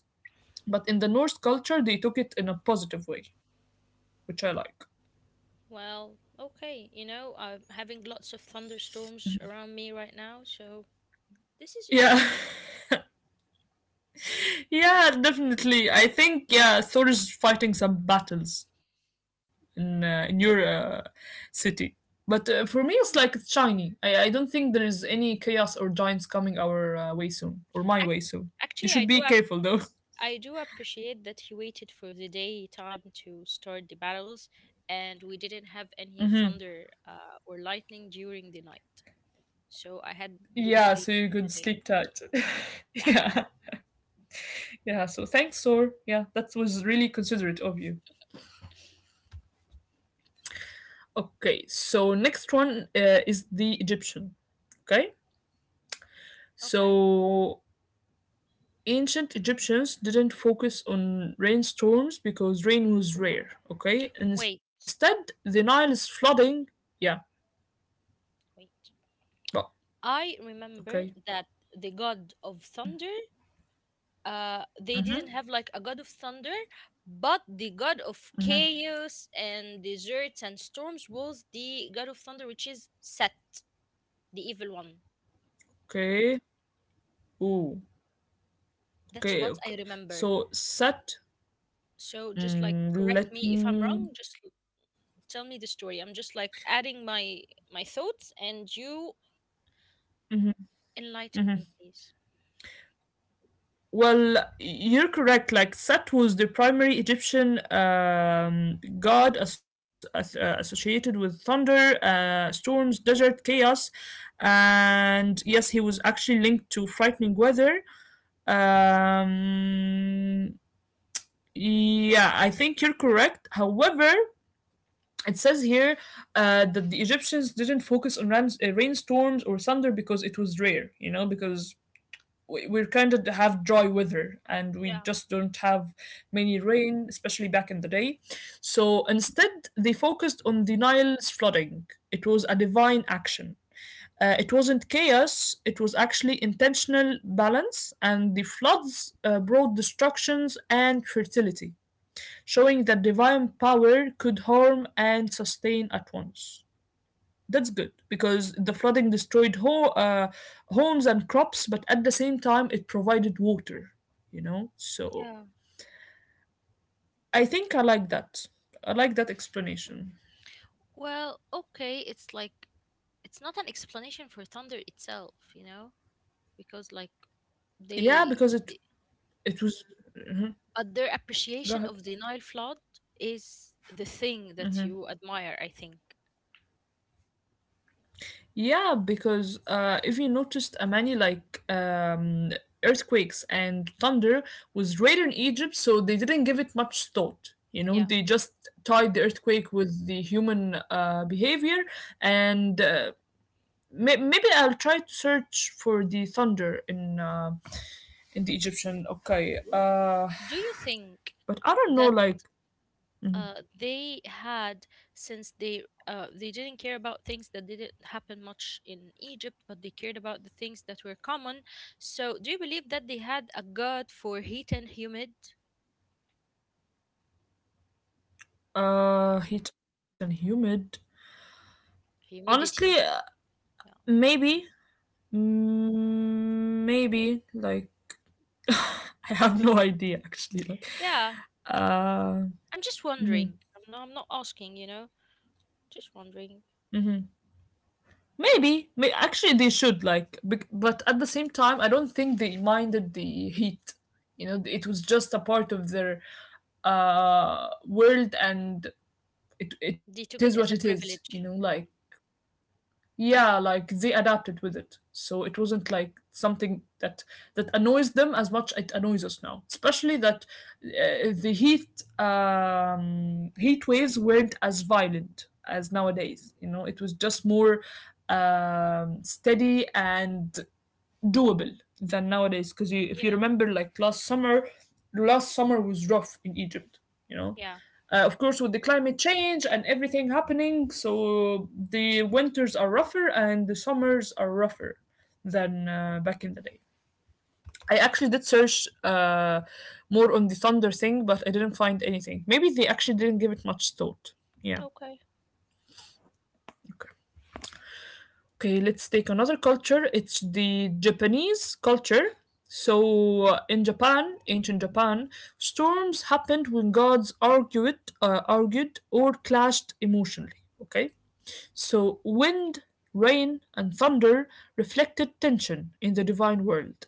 Speaker 1: But in the Norse culture, they took it in a positive way, which I like.
Speaker 2: Well, okay, you know, I'm having lots of thunderstorms around me right now, so this is
Speaker 1: Yeah,
Speaker 2: interesting.
Speaker 1: yeah, definitely. I think yeah, Thor is fighting some battles in your city. But for me, it's like it's shiny. I don't think there is any chaos or giants coming our way soon or my way
Speaker 2: Ac-
Speaker 1: soon. You
Speaker 2: Actually,
Speaker 1: should
Speaker 2: I
Speaker 1: be
Speaker 2: do ap-
Speaker 1: careful though.
Speaker 2: I do appreciate that he waited for the daytime to start the battles, and we didn't have any thunder or lightning during the night. So I had good
Speaker 1: Yeah,
Speaker 2: sleep
Speaker 1: so you could
Speaker 2: today.
Speaker 1: sleep tight.
Speaker 2: Yeah,
Speaker 1: Yeah. Yeah, so thanks, Sor. Yeah, that was really considerate of you. Okay, so next one is the Egyptian. Okay,
Speaker 2: okay.
Speaker 1: so ancient Egyptians didn't focus on rainstorms because rain was rare. Okay,
Speaker 2: Wait,
Speaker 1: instead, the Nile is flooding. Yeah,
Speaker 2: wait.
Speaker 1: but
Speaker 2: I remember that
Speaker 1: okay,
Speaker 2: the god of thunder they didn't have like a god of thunder, but the god of chaos and deserts and storms was the god of thunder, which is Set, the evil one.
Speaker 1: okay, ooh,
Speaker 2: That's what
Speaker 1: okay,
Speaker 2: I
Speaker 1: okay.
Speaker 2: remember.
Speaker 1: So set.
Speaker 2: So just like
Speaker 1: Mm,
Speaker 2: correct me
Speaker 1: let
Speaker 2: if I'm wrong,
Speaker 1: me.
Speaker 2: just tell me the story. I'm just like adding my thoughts, and you enlighten me
Speaker 1: Mhm.
Speaker 2: please.
Speaker 1: Well, you're correct. Like Set was the primary Egyptian god associated with thunder, storms, desert, chaos, and yes, he was actually linked to frightening weather. Um, yeah, I think you're correct. However, it says here that the Egyptians didn't focus on rain, rainstorms or thunder because it was rare. You know, because we kind of have dry weather and we
Speaker 2: Yeah.
Speaker 1: just don't have many rain, especially back in the day. So instead, they focused on the Nile's flooding. It was a divine action. It wasn't chaos, it was actually intentional balance, and the floods brought destructions and fertility, showing that divine power could harm and sustain at once. That's good because the flooding destroyed homes and crops, but at the same time, it provided water, you know? So
Speaker 2: Yeah.
Speaker 1: I think I like that. I like that explanation.
Speaker 2: Well, okay, it's like it's not an explanation for thunder itself, you know, because like
Speaker 1: Yeah,
Speaker 2: they,
Speaker 1: because it
Speaker 2: they
Speaker 1: it was.
Speaker 2: But their
Speaker 1: Go
Speaker 2: appreciation
Speaker 1: ahead.
Speaker 2: of the Nile flood is the thing that you admire, I think.
Speaker 1: Yeah, because if you noticed, many like earthquakes and thunder was rare in Egypt, so they didn't give it much thought. You know,
Speaker 2: Yeah.
Speaker 1: they just tied the earthquake with the human behavior and maybe I'll try to search for the thunder in the Egyptian. Okay,
Speaker 2: Do you think
Speaker 1: but I don't know,
Speaker 2: that
Speaker 1: like
Speaker 2: uh, they had, since they didn't care about things that didn't happen much in Egypt, but they cared about the things that were common. So, do you believe that they had a god for heat and humid
Speaker 1: heat and humid. Honestly,
Speaker 2: humidity? Yeah.
Speaker 1: maybe, mm, maybe like I have no idea actually. Like,
Speaker 2: Yeah.
Speaker 1: uh,
Speaker 2: I'm just
Speaker 1: mhm,
Speaker 2: wondering. I'm not asking. You know, just wondering.
Speaker 1: mhm. Maybe, may, actually, they should like, bec- but at the same time, I don't think they minded the heat. You know, it was just a part of their world, and it is
Speaker 2: They
Speaker 1: what it
Speaker 2: took it as a
Speaker 1: is. You know,
Speaker 2: privilege.
Speaker 1: like yeah, like they adapted with it, so it wasn't like something that that annoys them as much it annoys us now, especially that the heat heat waves weren't as violent as nowadays, you know, it was just more steady and doable than nowadays because you, if you
Speaker 2: Yeah,
Speaker 1: remember like last summer, last summer was rough in Egypt, you know.
Speaker 2: yeah.
Speaker 1: Of course with the climate change and everything happening, so the winters are rougher and the summers are rougher than back in the day. I actually did search more on the thunder thing, but I didn't find anything. Maybe they actually didn't give it much thought. Yeah.
Speaker 2: Okay.
Speaker 1: Okay, let's take another culture. It's the Japanese culture. So, in Japan, ancient Japan, storms happened when gods argued, or clashed emotionally. Okay, so wind, rain, and thunder reflected tension in the divine world,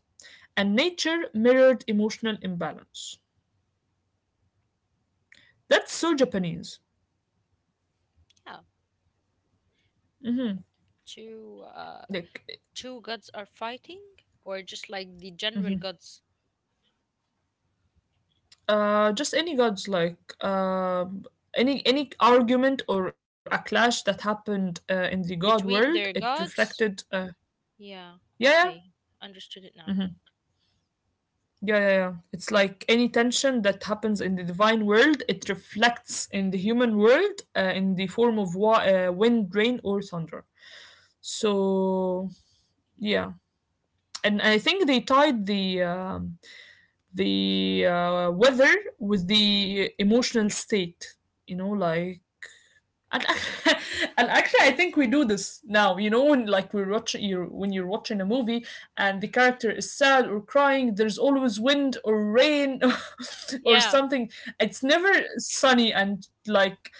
Speaker 1: and nature mirrored emotional imbalance. That's so Japanese.
Speaker 2: Yeah. Two
Speaker 1: Like
Speaker 2: two gods are fighting, or just like the general gods
Speaker 1: just any gods like any argument or a clash that happened in the god world,
Speaker 2: between
Speaker 1: it
Speaker 2: their
Speaker 1: reflected
Speaker 2: gods? Yeah.
Speaker 1: yeah, yeah,
Speaker 2: Okay. Understood it now.
Speaker 1: yeah, yeah, yeah. It's like any tension that happens in the divine world, it reflects in the human world in the form of wind, rain or thunder. So yeah, and I think they tied the weather with the emotional state, you know, like and and actually, I think we do this now. You know, when like we're watching you when you're watching a movie and the character is sad or crying, there's always wind or rain or
Speaker 2: Yeah.
Speaker 1: something. It's never sunny and like,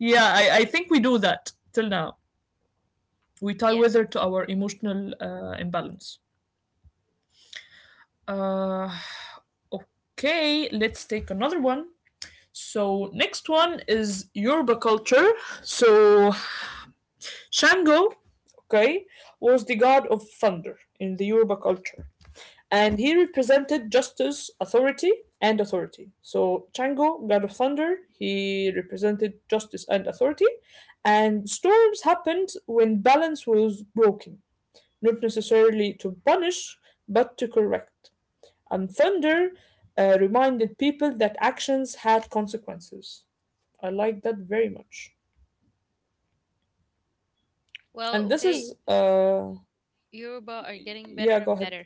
Speaker 1: yeah, I think we do that till now. We tie
Speaker 2: Yeah.
Speaker 1: weather to our emotional imbalance. Uh, okay, let's take another one. So next one is Yoruba culture. So Shango, okay, was the god of thunder in the Yoruba culture, and he represented justice, authority, and authority. So Shango, god of thunder, he represented justice and authority, and storms happened when balance was broken, not necessarily to punish, but to correct. And thunder reminded people that actions had consequences. I like that very much.
Speaker 2: Well,
Speaker 1: And this
Speaker 2: okay.
Speaker 1: is,
Speaker 2: Yoruba are getting
Speaker 1: yeah,
Speaker 2: better
Speaker 1: go
Speaker 2: and
Speaker 1: ahead.
Speaker 2: better.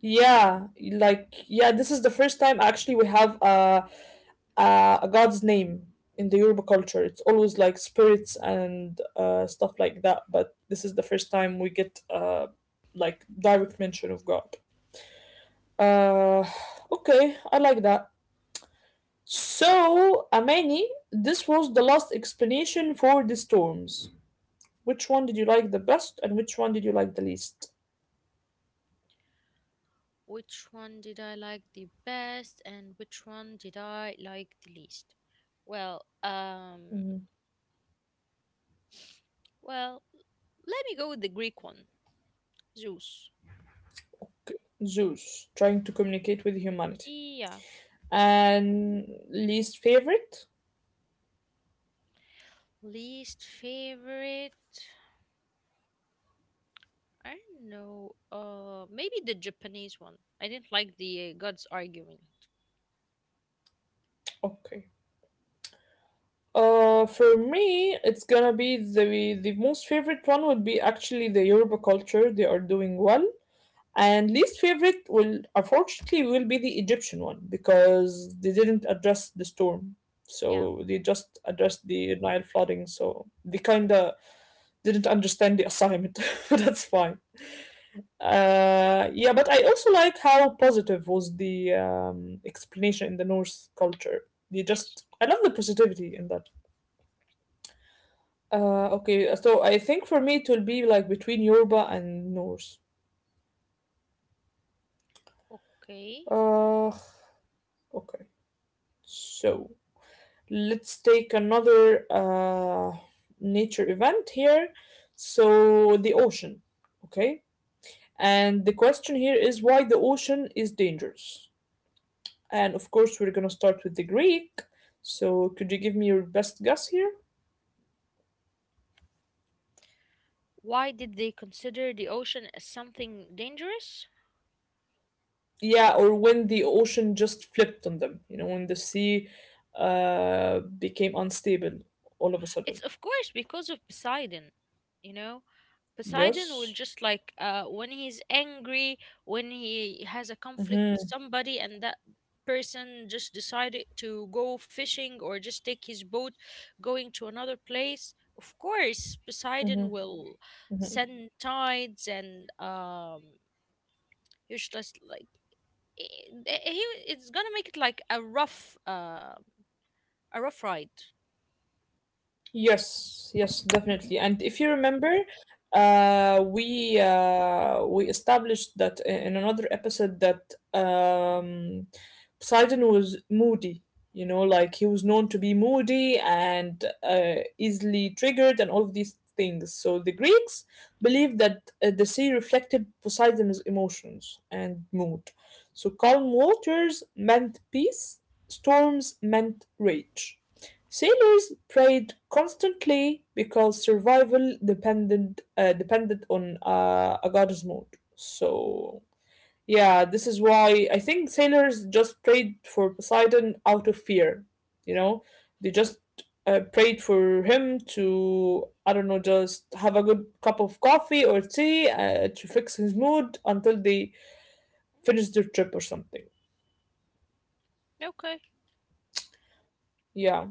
Speaker 1: Yeah, like yeah, this is the first time actually we have a a god's name in the Yoruba culture. It's always like spirits and stuff like that, but this is the first time we get like direct mention of God. Uh, okay, I like that. So, Amani, this was the last explanation for the storms. Which one did you like the best, and which one did you like the least?
Speaker 2: Which one did I like the best and which one did I like the least? Well,
Speaker 1: Mhm.
Speaker 2: well, let me go with the Greek one. Zeus.
Speaker 1: Zeus trying to communicate with humanity.
Speaker 2: Yeah.
Speaker 1: And least favorite?
Speaker 2: Least favorite. I don't know. Maybe the Japanese one. I didn't like the gods arguing.
Speaker 1: Okay. For me, it's gonna be the most favorite one would be actually the Yoruba culture. They are doing well, and least favorite will unfortunately will be the Egyptian one because they didn't address the storm.
Speaker 2: Yeah.
Speaker 1: So they just addressed the Nile flooding. So they kinda didn't understand the assignment. That's fine. Yeah, but I also like how positive was the explanation in the Norse culture. They
Speaker 2: Yes.
Speaker 1: just, I love the positivity in that. Okay, so I think for me it will be like between Yoruba and Norse.
Speaker 2: Okay.
Speaker 1: Uh, okay, so let's take another nature event here. So the ocean, okay? And the question here is why the ocean is dangerous. And of course, we're gonna start with the Greek. So, could you give me your best guess here?
Speaker 2: Why did they consider the ocean as something dangerous?
Speaker 1: Yeah, or when the ocean just flipped on them, you know, when the sea became unstable all of a
Speaker 2: It's
Speaker 1: sudden.
Speaker 2: of course because of Poseidon. You know, Poseidon will
Speaker 1: Yes.
Speaker 2: just like when he's angry, when he has a conflict with
Speaker 1: Mm-hmm.
Speaker 2: somebody, and that person just decided to go fishing or just take his boat going to another place. Of course, Poseidon
Speaker 1: Mm-hmm.
Speaker 2: will
Speaker 1: Mm-hmm.
Speaker 2: send tides and he's just like eh, eh, he it's gonna make it like a rough ride.
Speaker 1: Yes, yes, definitely. And if you remember, we established that in another episode that Poseidon was moody. You know, like he was known to be moody and easily triggered, and all of these things. So the Greeks believed that the sea reflected Poseidon's emotions and mood. So calm waters meant peace, storms meant rage. Sailors prayed constantly because survival depended on a goddess mood. So yeah, this is why I think sailors just prayed for Poseidon out of fear. You know, they just prayed for him to I don't know, just have a good cup of coffee or tea to fix his mood until they finish their trip or something.
Speaker 2: Okay,
Speaker 1: Yeah.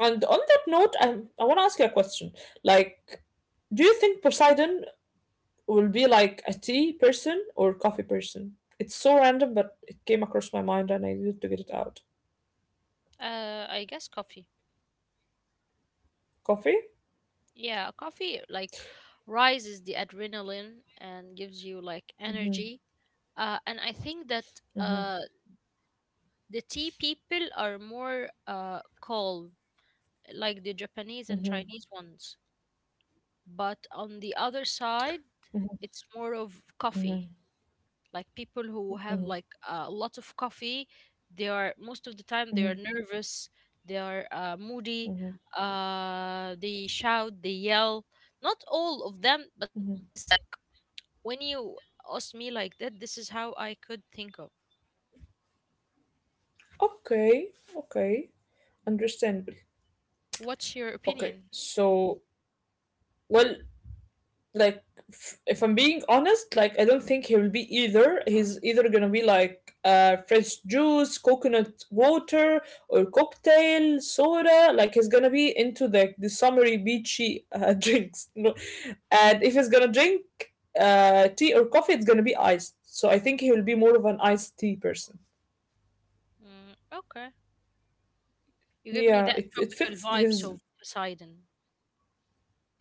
Speaker 1: And on that note, I want to ask you a question. Like, do you think Poseidon will be like a tea person or coffee person? It's so random, but it came across my mind and I needed to get it out.
Speaker 2: I guess coffee.
Speaker 1: Coffee?
Speaker 2: Yeah, coffee like rises the adrenaline and gives you like energy. And I think that uh, the tea people are more calm, like the Japanese and Chinese ones. But on the other side, it's more of coffee. Like people who have like a lot of coffee, they are most of the time they are
Speaker 1: Mhm.
Speaker 2: nervous, they are moody, they shout, they yell, not all of them, but this is like when you asked me like that, this is how I could think of.
Speaker 1: Okay, okay, understandable.
Speaker 2: What's your
Speaker 1: Okay,
Speaker 2: opinion?
Speaker 1: so well, like if I'm being honest, like I don't think he will be either. He's either gonna be like fresh juice, coconut water, or cocktail soda. Like he's gonna be into the summery beachy drinks. No, and if he's gonna drink tea or coffee, it's gonna be iced. So I think he will be more of an iced tea person.
Speaker 2: Mm, okay. You give me
Speaker 1: Yeah,
Speaker 2: that
Speaker 1: it
Speaker 2: tropical
Speaker 1: fits
Speaker 2: vibes
Speaker 1: his
Speaker 2: of Poseidon.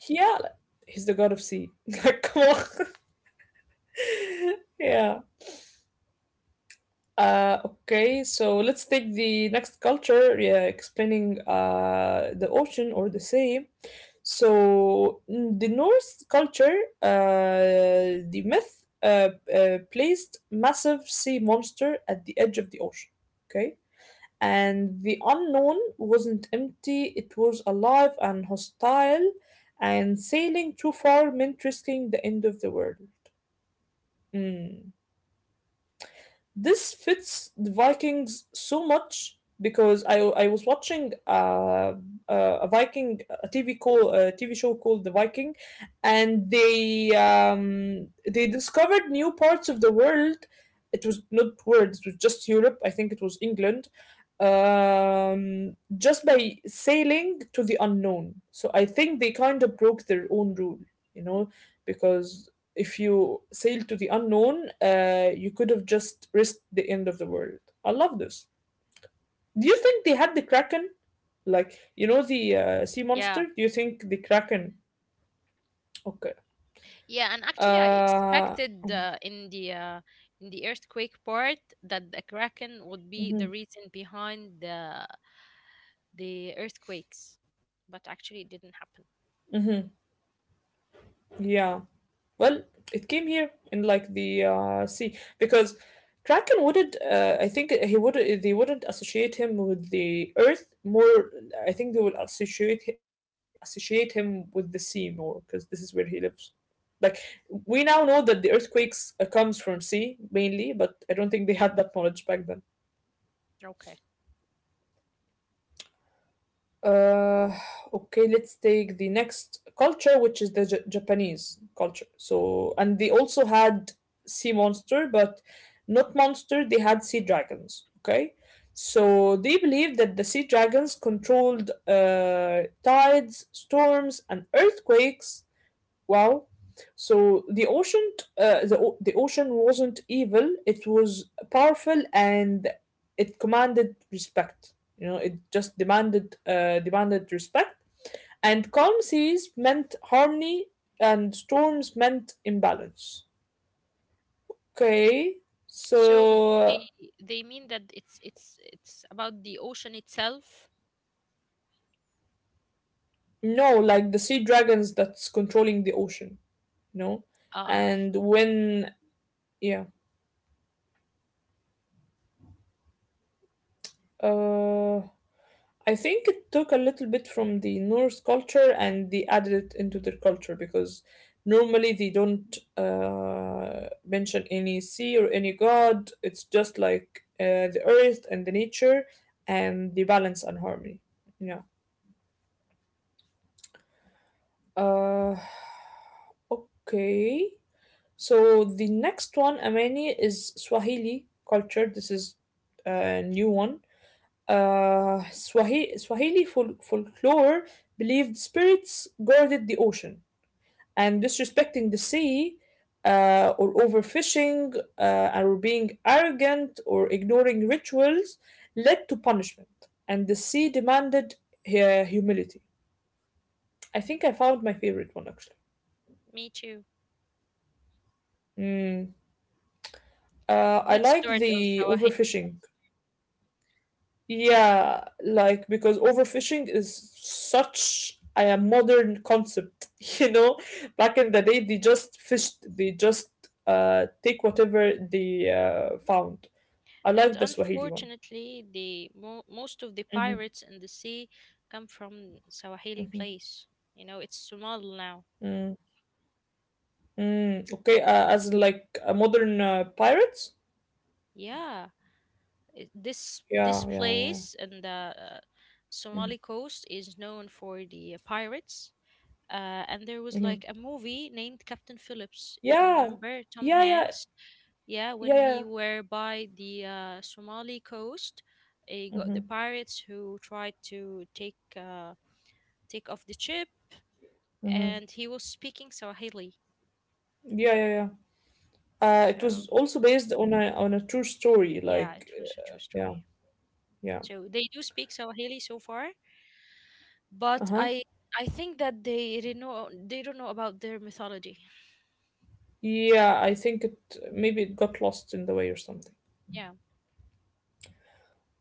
Speaker 1: yeah. Like, he's the god of sea. Like, come on. Yeah. Okay, so let's take the next culture, yeah, explaining the ocean or the sea. So mm, the Norse culture, the myth placed massive sea monster at the edge of the ocean. Okay, and the unknown wasn't empty; it was alive and hostile, and sailing too far meant risking the end of the world. Hmm. This fits the Vikings so much because I was watching a TV call a TV show called The Viking, and they discovered new parts of the world. It was not world; it was just Europe. I think it was England. Just by sailing to the unknown. So I think they kind of broke their own rule, you know, because if you sail to the unknown, you could have just risked the end of the world. I love this. Do you think they had the Kraken? Like, you know, the sea
Speaker 2: Yeah.
Speaker 1: monster? Do you think the Kraken? Okay.
Speaker 2: Yeah, and actually I
Speaker 1: Uh,
Speaker 2: expected in the earthquake part that the Kraken would be the
Speaker 1: mhm,
Speaker 2: reason behind the earthquakes. But actually it didn't happen.
Speaker 1: yeah. Well, it came here in like the sea because Kraken wouldn't. I think he would. They wouldn't associate him with the earth more. I think they would associate him with the sea more because this is where he lives. Like we now know that the earthquakes comes from sea mainly, but I don't think they had that knowledge back then.
Speaker 2: Okay.
Speaker 1: Uh, okay, let's take the next culture, which is the Japanese culture. So, and they also had sea monster, but not monster. They had sea dragons. Okay, so they believed that the sea dragons controlled tides, storms, and earthquakes. Wow. So the ocean, the ocean wasn't evil. It was powerful and it commanded respect. You know, it just demanded respect. And calm seas meant harmony, and storms meant imbalance. Okay,
Speaker 2: So
Speaker 1: so
Speaker 2: they they mean that it's about the ocean itself.
Speaker 1: no, like the sea dragons that's controlling the ocean. You know,
Speaker 2: Uh
Speaker 1: and when yeah, uh. I think it took a little bit from the Norse culture and they added it into their culture because normally they don't mention any sea or any god. It's just like the earth and the nature and the balance and harmony. Yeah. Uh, okay. So the next one, Amani, is Swahili culture. This is a new one. Swahili folklore believed spirits guarded the ocean, and disrespecting the sea, or overfishing, or being arrogant, or ignoring rituals led to punishment, and the sea demanded humility. I think I found my favorite one actually.
Speaker 2: Me too.
Speaker 1: Mm. I
Speaker 2: Good
Speaker 1: like
Speaker 2: start of
Speaker 1: the
Speaker 2: Sawahid.
Speaker 1: overfishing. Yeah, like because overfishing is such a modern concept, you know. Back in the day, they just fished, they just take whatever they found. I
Speaker 2: And
Speaker 1: like the Swahili one.
Speaker 2: unfortunately, the most of the
Speaker 1: Hmm.
Speaker 2: pirates in the sea come from Swahili
Speaker 1: Hmm.
Speaker 2: place. You know, it's Somali now.
Speaker 1: Mm, mm. Okay, as in like a modern pirates.
Speaker 2: Yeah, this
Speaker 1: Yeah, yeah, yeah.
Speaker 2: place and the
Speaker 1: Mm-hmm.
Speaker 2: Somali coast is known for the pirates. And there was
Speaker 1: Mm-hmm.
Speaker 2: like a movie named Captain Phillips, if you
Speaker 1: Yeah,
Speaker 2: remember, Tom
Speaker 1: yeah, yeah,
Speaker 2: Hanks. Yeah, when
Speaker 1: yeah,
Speaker 2: he
Speaker 1: yeah.
Speaker 2: were by the Somali coast, he got the
Speaker 1: Mm-hmm.
Speaker 2: pirates who tried to take off the ship,
Speaker 1: Mm-hmm.
Speaker 2: and he was speaking Swahili.
Speaker 1: Yeah, yeah, yeah. It was
Speaker 2: So
Speaker 1: also based on a true story.
Speaker 2: yeah,
Speaker 1: Like,
Speaker 2: it was a true
Speaker 1: yeah,
Speaker 2: story.
Speaker 1: yeah,
Speaker 2: So they do speak Swahili so far,
Speaker 1: uh huh,
Speaker 2: but I think that they don't know about their mythology.
Speaker 1: yeah. I think it maybe it got lost in the way or something.
Speaker 2: Yeah,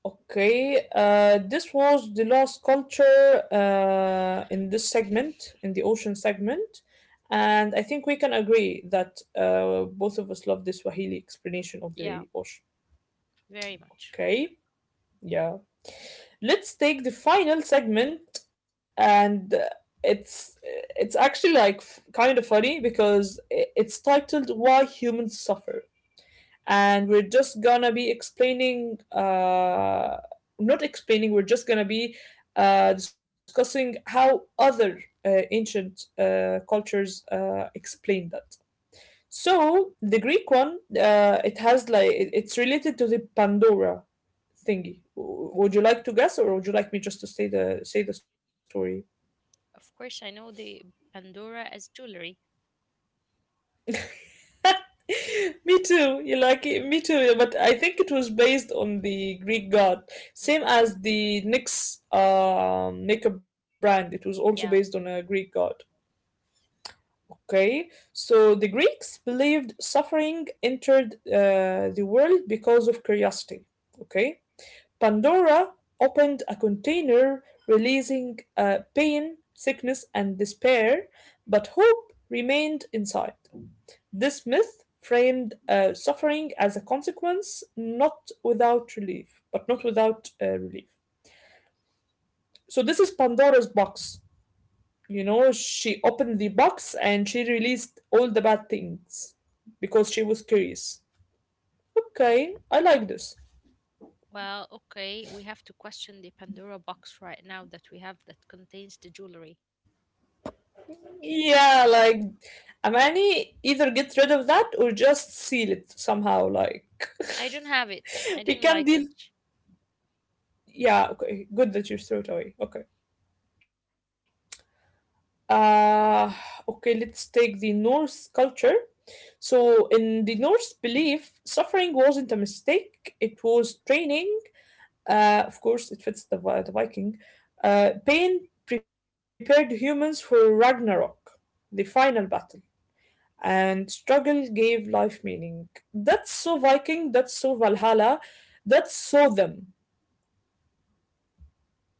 Speaker 1: Okay, this was the last culture in this segment, in the ocean segment, and I think we can agree that both of us love the Swahili explanation of
Speaker 2: yeah,
Speaker 1: the ocean.
Speaker 2: very much.
Speaker 1: Okay, yeah. Let's take the final segment and it's actually like kind of funny because it's titled why humans suffer, and we're just gonna be explaining not explaining, we're just gonna be discussing how other ancient cultures explain that. So the Greek one, it has like it's related to the Pandora thingy. Would you like to guess, or would you like me just to say the story?
Speaker 2: Of course, I know the Pandora as jewelry.
Speaker 1: Me too. You like it? Me too. But I think it was based on the Greek god, same as the Nyx makeup brand. It was also based on
Speaker 2: Yeah.
Speaker 1: a Greek god. Okay, so the Greeks believed suffering entered the world because of curiosity. Okay, Pandora opened a container releasing pain, sickness, and despair, but hope remained inside. This myth framed suffering as a consequence, not without relief. So, this is Pandora's box. You know, she opened the box and she released all the bad things because she was curious. Okay, I like this.
Speaker 2: Well, okay, we have to question the Pandora box right now that we have that contains the jewelry.
Speaker 1: Yeah, like Amani either get rid of that or just seal it somehow. Like
Speaker 2: I don't have it.
Speaker 1: we
Speaker 2: I
Speaker 1: can
Speaker 2: didn't
Speaker 1: deal.
Speaker 2: like it.
Speaker 1: Yeah, okay. Good that you threw it away. Okay. Uh okay, let's take the Norse culture. So in the Norse belief, suffering wasn't a mistake, it was training. Of course it fits the the Viking. Pain prepared humans for Ragnarok, the final battle, and struggle gave life meaning. That's so Viking, that's so Valhalla, that's so them.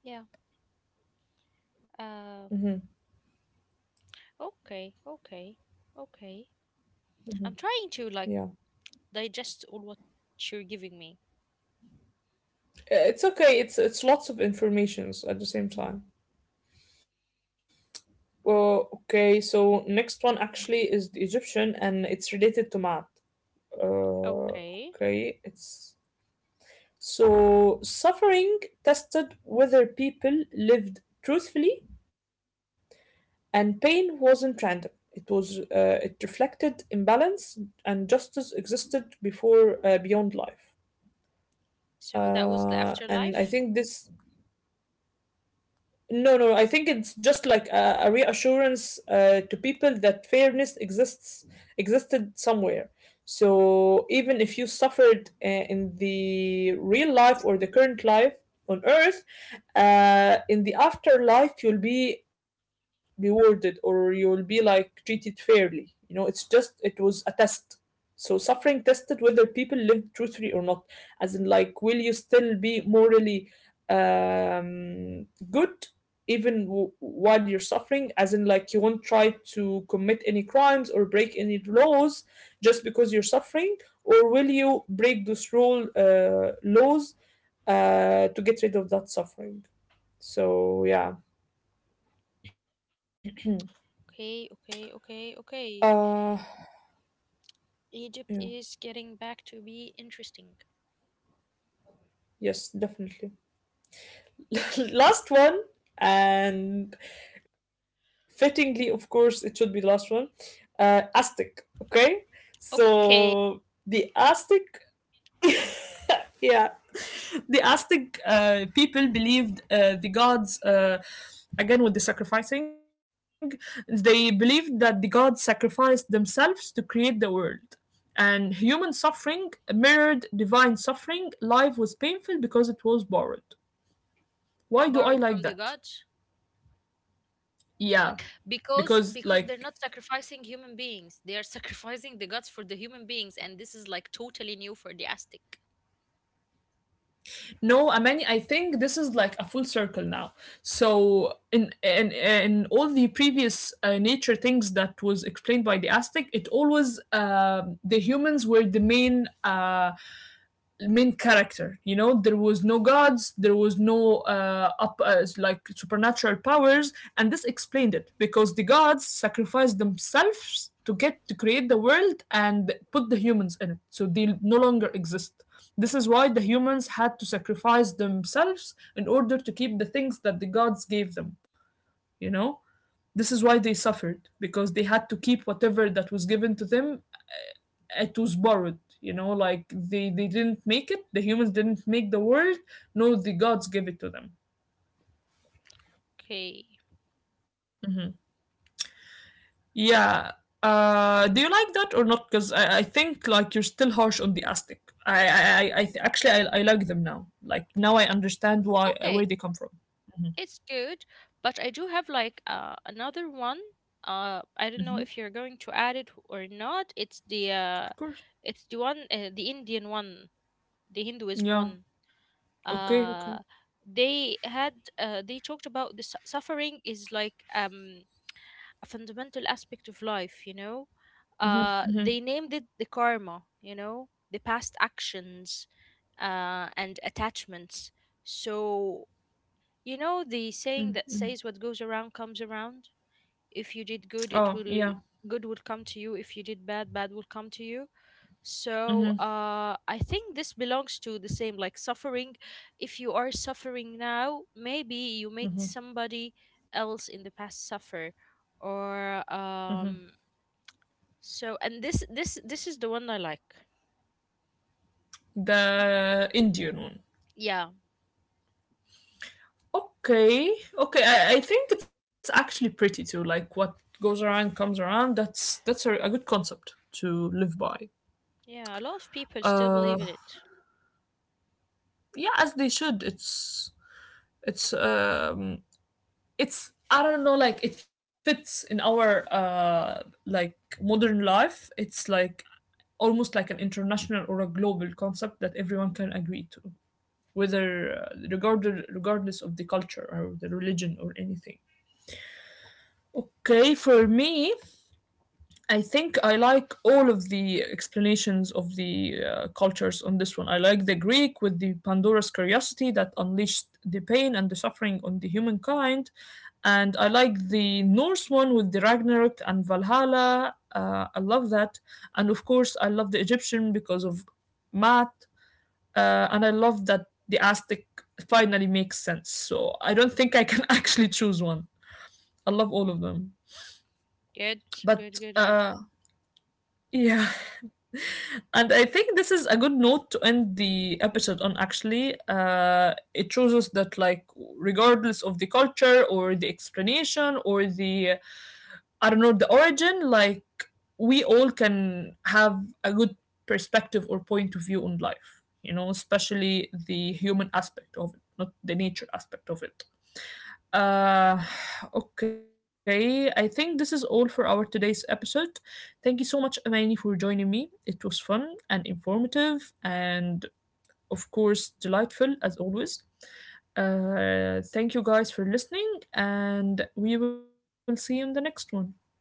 Speaker 2: Yeah.
Speaker 1: Hmm.
Speaker 2: Um. Okay. Okay. Okay. I'm trying to like
Speaker 1: Yeah.
Speaker 2: digest all what you're giving me.
Speaker 1: It's okay, it's lots of informations at the same time. Well, okay, so next one actually is the Egyptian and it's related to math. Uh,
Speaker 2: Okay.
Speaker 1: okay, it's so suffering tested whether people lived truthfully. And pain wasn't random. It was it reflected imbalance, and justice existed before beyond life.
Speaker 2: So that was the
Speaker 1: And I
Speaker 2: afterlife.
Speaker 1: think this no, no, no. I think it's just like a reassurance to people that fairness exists existed somewhere. So even if you suffered in the real life or the current life on Earth, in the afterlife you'll be rewarded or you'll be like treated fairly. You know, it was a test. So suffering tested whether people lived truthfully or not, as in like, will you still be morally good even while you're suffering, as in like you won't try to commit any crimes or break any laws just because you're suffering, or will you break those rule laws to get rid of that suffering. So yeah.
Speaker 2: Okay, okay, okay, okay.
Speaker 1: uh
Speaker 2: Egypt
Speaker 1: yeah,
Speaker 2: is getting back to be interesting.
Speaker 1: yes definitely. Last one, and fittingly of course it should be the last one. Aztec, okay. So
Speaker 2: Okay.
Speaker 1: the Aztec, yeah, the Aztec people believed the gods, again with the sacrificing, they believed that the gods sacrificed themselves to create the world. And human suffering mirrored divine suffering. Life was painful because it was borrowed. Why do I
Speaker 2: Borrowed
Speaker 1: like
Speaker 2: from the
Speaker 1: that?
Speaker 2: gods?
Speaker 1: Yeah,
Speaker 2: Like because
Speaker 1: because
Speaker 2: because they're
Speaker 1: like
Speaker 2: not sacrificing human beings. They are sacrificing the gods for the human beings, and this is like totally new for the Aztec.
Speaker 1: no, I mean, I think this is like a full circle now. So in all the previous nature things that was explained by the Aztec, it always the humans were the main main character, you know. There was no gods, there was no up like supernatural powers, and this explained it because the gods sacrificed themselves to get to create the world and put the humans in it, so they no longer exist. This is why the humans had to sacrifice themselves in order to keep the things that the gods gave them, you know. This is why they suffered because they had to keep whatever that was given to them. It was borrowed, you know, like they didn't make it, the humans didn't make the world. No, the gods give it to them.
Speaker 2: Okay.
Speaker 1: Yeah. Do you like that or not, because I think like you're still harsh on the Aztec. Actually I like them now. Like now I understand why
Speaker 2: Okay.
Speaker 1: where they come from.
Speaker 2: It's good, but I do have like another one. I don't know if you're going to add it or not.
Speaker 1: Of course,
Speaker 2: It's the one the Indian one, the Hinduism one.
Speaker 1: yeah, okay,
Speaker 2: Uh,
Speaker 1: okay.
Speaker 2: they had they talked about the suffering is like a fundamental aspect of life. You know, they named it the karma. You know, the past actions, and attachments. So you know the saying that says what goes around comes around? If you did good,
Speaker 1: Oh
Speaker 2: it
Speaker 1: yeah,
Speaker 2: will good will come to you. If you did bad, bad will come to you. So I think this belongs to the same like suffering. If you are suffering now, maybe you made somebody else in the past suffer, or. So and this is the one I like.
Speaker 1: the Indian one.
Speaker 2: Yeah,
Speaker 1: Okay, okay. I think it's actually pretty too. Like what goes around comes around. That's a good concept to live by.
Speaker 2: yeah. A lot of people still
Speaker 1: Uh,
Speaker 2: believe in it.
Speaker 1: yeah, as they should. It's um it's I don't know. Like it fits in our like modern life. It's like almost like an international or a global concept that everyone
Speaker 2: Mm.
Speaker 1: can agree to, whether regardless of the culture or the religion or anything. Okay, for me, I think I like all of the explanations of the cultures on this one. I like the Greek with the Pandora's curiosity that unleashed the pain and the suffering on the humankind, and I like the Norse one with the Ragnarok and Valhalla. I love that, and of course I love the Egyptian because of Matt, and I love that the Aztec finally makes sense. So I don't think I can actually choose one. I love all of them,
Speaker 2: Good,
Speaker 1: but
Speaker 2: good, good, good.
Speaker 1: yeah. And I think this is a good note to end the episode on actually. It shows us that, like, regardless of the culture or the explanation or I don't know, the origin, like, we all can have a good perspective or point of view on life, you know, especially the human aspect of it, not the nature aspect of it. Uh, okay. I think this is all for our today's episode. Thank you so much, Amani, for joining me. It was fun and informative, and of course, delightful as always. Thank you guys for listening, and we will see you in the next one. Bye bye.